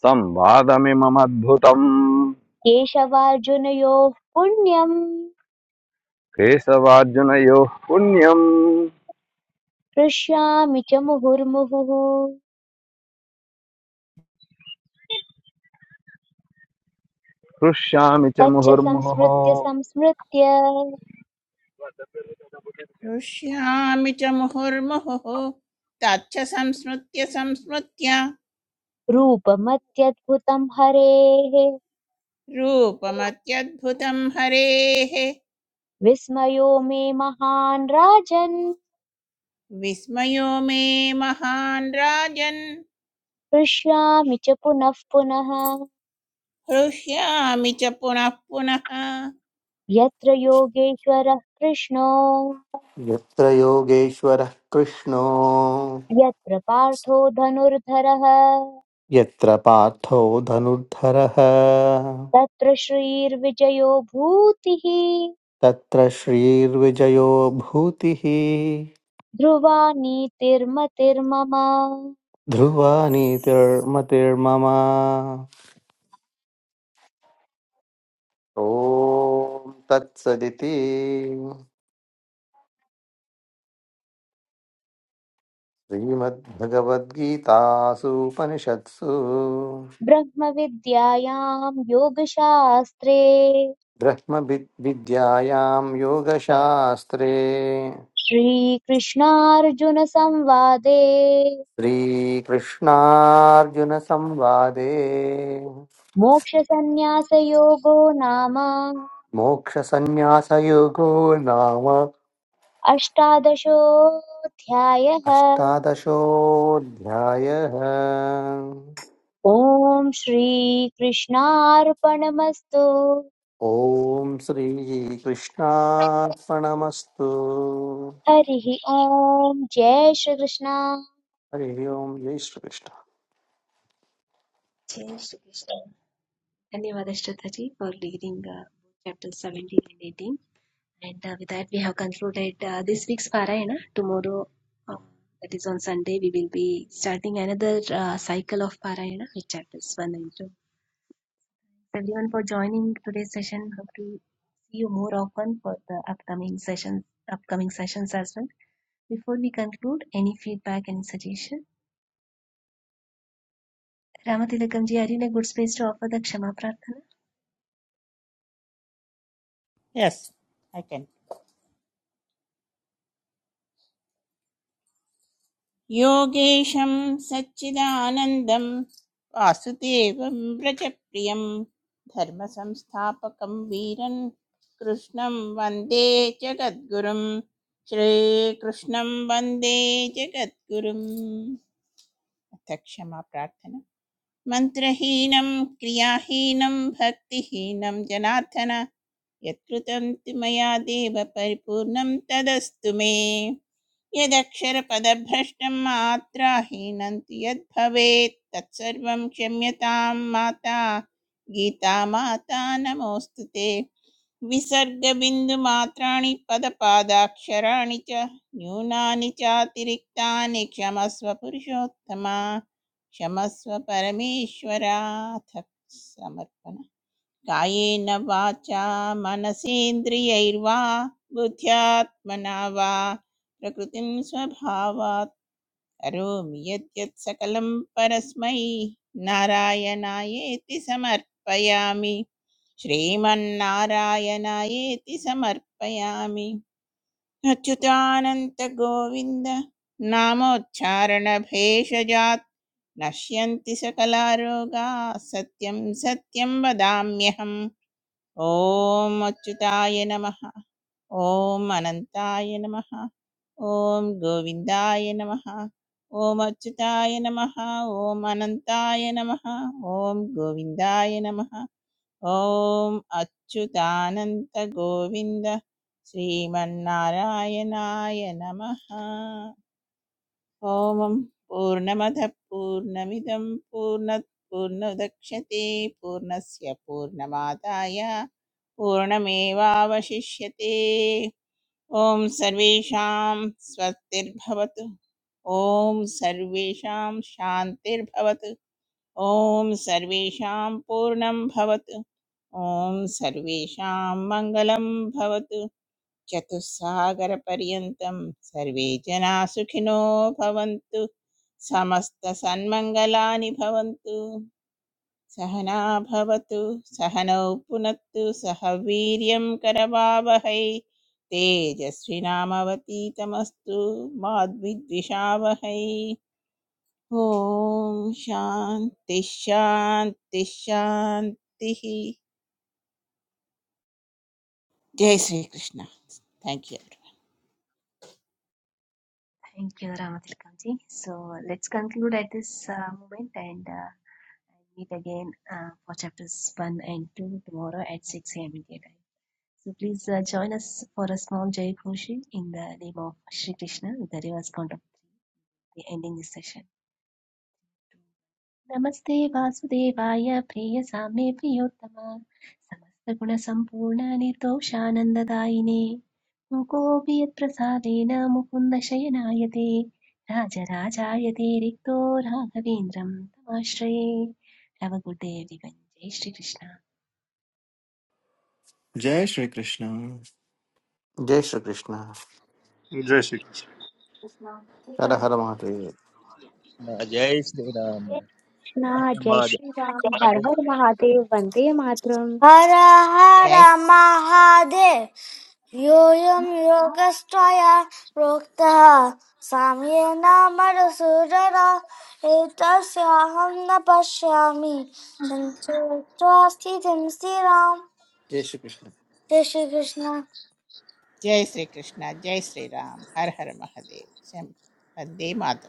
[SPEAKER 5] संवादमिममद्भुतम्
[SPEAKER 1] केशवार्जुनयोः पुण्यम्
[SPEAKER 5] केशवार्जुनयो पुण्यम्
[SPEAKER 1] हृष्यामि च मुहुर्मुहुः
[SPEAKER 5] हृष्यामि च
[SPEAKER 1] तच्च संस्मृत्य
[SPEAKER 5] मुहुर्मुहुः
[SPEAKER 1] संस्मृत्य
[SPEAKER 6] हृष्यामि च मुहुर्मुहुः तच्च संस्मृत्य संस्मृत्य
[SPEAKER 1] रूपमत्यद्भुतम् हरेः
[SPEAKER 6] रूपमत्यद्भुतं हरेः
[SPEAKER 1] विस्मयो मे महान् राजन्
[SPEAKER 6] विस्मयो मे महान् राजन्
[SPEAKER 1] हृष्यामि च पुनः पुनः
[SPEAKER 6] हृष्यामि च पुनः पुनः
[SPEAKER 1] यत्र योगेश्वरः कृष्णो
[SPEAKER 7] यत्र योगेश्वरः कृष्णो
[SPEAKER 1] यत्र पार्थो धनुर्धरः
[SPEAKER 7] यत्र पार्थो धनुर्धरः
[SPEAKER 1] तत्र श्रीर्विजयो भूतिः
[SPEAKER 7] तत्र श्रीर्विजयो भूतिः
[SPEAKER 1] ध्रुवा नीतिर्मतिर्मम
[SPEAKER 7] ध्रुवा नीतिर्मतिर्मम ॐ तत्सदिति श्रीमद्भगवद्गीतासूपनिषत्सु
[SPEAKER 1] ब्रह्मविद्यायां योगशास्त्रे
[SPEAKER 7] ब्रह्मविद्- विद्यायां योगशास्त्रे
[SPEAKER 1] श्रीकृष्णार्जुनसंवादे
[SPEAKER 7] श्रीकृष्णार्जुनसंवादे
[SPEAKER 1] मोक्षसंन्यासयोगो नाम
[SPEAKER 7] मोक्षसन्न्यासयुगो नाम
[SPEAKER 1] अष्टादशोऽध्यायः
[SPEAKER 7] अष्टादशोऽध्यायः
[SPEAKER 1] ॐ श्रीकृष्णार्पणमस्तु
[SPEAKER 7] ॐ श्रीकृष्णार्पणमस्तु
[SPEAKER 1] हरिः ॐ जय श्रीकृष्ण
[SPEAKER 7] हरिः ओं जय श्रीकृष्ण
[SPEAKER 3] जय श्रीकृष्ण धन्यवाद Shraddha ji for leading chapter 17 and 18 And uh, with that, we have concluded uh, this week's Parayana. Tomorrow, uh, that is on Sunday, we will be starting another uh, cycle of Parayana with chapters 1 and 2. Thanks everyone for joining today's session. Hope to see you more often for the upcoming sessions, upcoming sessions as well. Before we conclude, any feedback, any suggestion? Ramatilakamji, are you in a good space to offer the Kshama Prarthana?
[SPEAKER 6] Yes योगेशं सच्चिदानन्दं वासुदेवं व्रजप्रियं धर्मसंस्थापकं वीरन् कृष्णं वन्दे जगद्गुरुं श्रीकृष्णं वन्दे जगद्गुरुम् अथ क्षमा प्रार्थना मन्त्रहीनं क्रियाहीनं भक्तिहीनं जनार्दन यत्कृतं तु मया देव परिपूर्णं तदस्तु मे यदक्षरपदभ्रष्टं मात्राहीनन्ति यद्भवेत् तत्सर्वं क्षम्यतां माता गीता माता नमोऽस्तु ते विसर्गबिन्दुमात्राणि पदपादाक्षराणि च न्यूनानि चातिरिक्तानि क्षमस्व पुरुषोत्तमा क्षमस्व परमेश्वराथ समर्पणम् कायेन वाचा मनसेन्द्रियैर्वा बुद्ध्यात्मना वा प्रकृतिं स्वभावात् करोमि यद्यत् सकलं परस्मै नारायणायेति समर्पयामि श्रीमन्नारायणायेति समर्पयामि अच्युतानन्तगोविन्द नामोच्चारणभेषजात् नश्यन्ति सकलारोगाः सत्यं सत्यं वदाम्यहम् ॐ अच्युताय नमः ॐ अनन्ताय नमः ॐ गोविन्दाय नमः ॐ अच्युताय नमः ॐ अनन्ताय नमः ॐ गोविन्दाय नमः ॐ अच्युतानन्तगोविन्द श्रीमन्नारायणाय नमः ॐ पूर्णमदः पूर्णमिदं पूर्णत् पूर्णोदक्ष्यते पूर्णस्य पूर्णमादाय पूर्णमेवावशिष्यते ॐ सर्वेषां स्वस्तिर्भवतु ॐ सर्वेषां शान्तिर्भवतु ॐ सर्वेषां पूर्णं भवतु ॐ सर्वेषां मङ्गलं भवतु चतुस्सागरपर्यन्तं सर्वे जनाः सुखिनो भवन्तु समस्तसन्मङ्गलानि भवन्तु सहना भवतु सहनौ पुनत्तु सह वीर्यं करवावहै तेजस्विनामवतीतमस्तु मा द्विद्विषावहै ॐ शान्ति शान्ति शान्तिः जय Shrikrishna thank you
[SPEAKER 3] Thank you, Ramatilakamji. So let's conclude at this uh, moment and uh, meet again uh, for chapters 1 and 2 tomorrow at 6 a.m. India time. So please uh, join us for a small Jai Koshi in the name of Shri Krishna, with the reverse count of three, the ending this session. नमस्ते वासुदेवाय प्रिय सामे प्रियोत्तमा समस्त समस्तगुणसम्पूर्ण निर्दोषानन्ददायिने मुकोऽपि यत्प्रसादेन मुकुन्द प्रसादेन ते राजराजाय ते रिक्तो राघवेन्द्रं तमाश्रये रवगुडे श्री कृष्णा
[SPEAKER 9] जय श्रीकृष्ण
[SPEAKER 7] जय श्रीकृष्ण
[SPEAKER 8] जय श्री कृष्ण
[SPEAKER 7] हर हर महादेव
[SPEAKER 2] जय श्रीराम
[SPEAKER 1] कृष्ण
[SPEAKER 2] हरे
[SPEAKER 1] जय
[SPEAKER 2] माधव।
[SPEAKER 1] श्रीराम हर हर महादेव वन्दे मातरम्
[SPEAKER 7] हर हर
[SPEAKER 6] जय
[SPEAKER 7] महादेव योऽयं योगस्त्वया प्रोक्तः साम्येन मधुसूदन एतस्याहं न पश्यामि सञ्चयित्वा स्थितिं स्थिराम् जय श्री कृष्ण जय श्रीकृष्ण
[SPEAKER 6] जय श्री कृष्णा जय श्री राम हर हर महादेव जय वंदे मातरम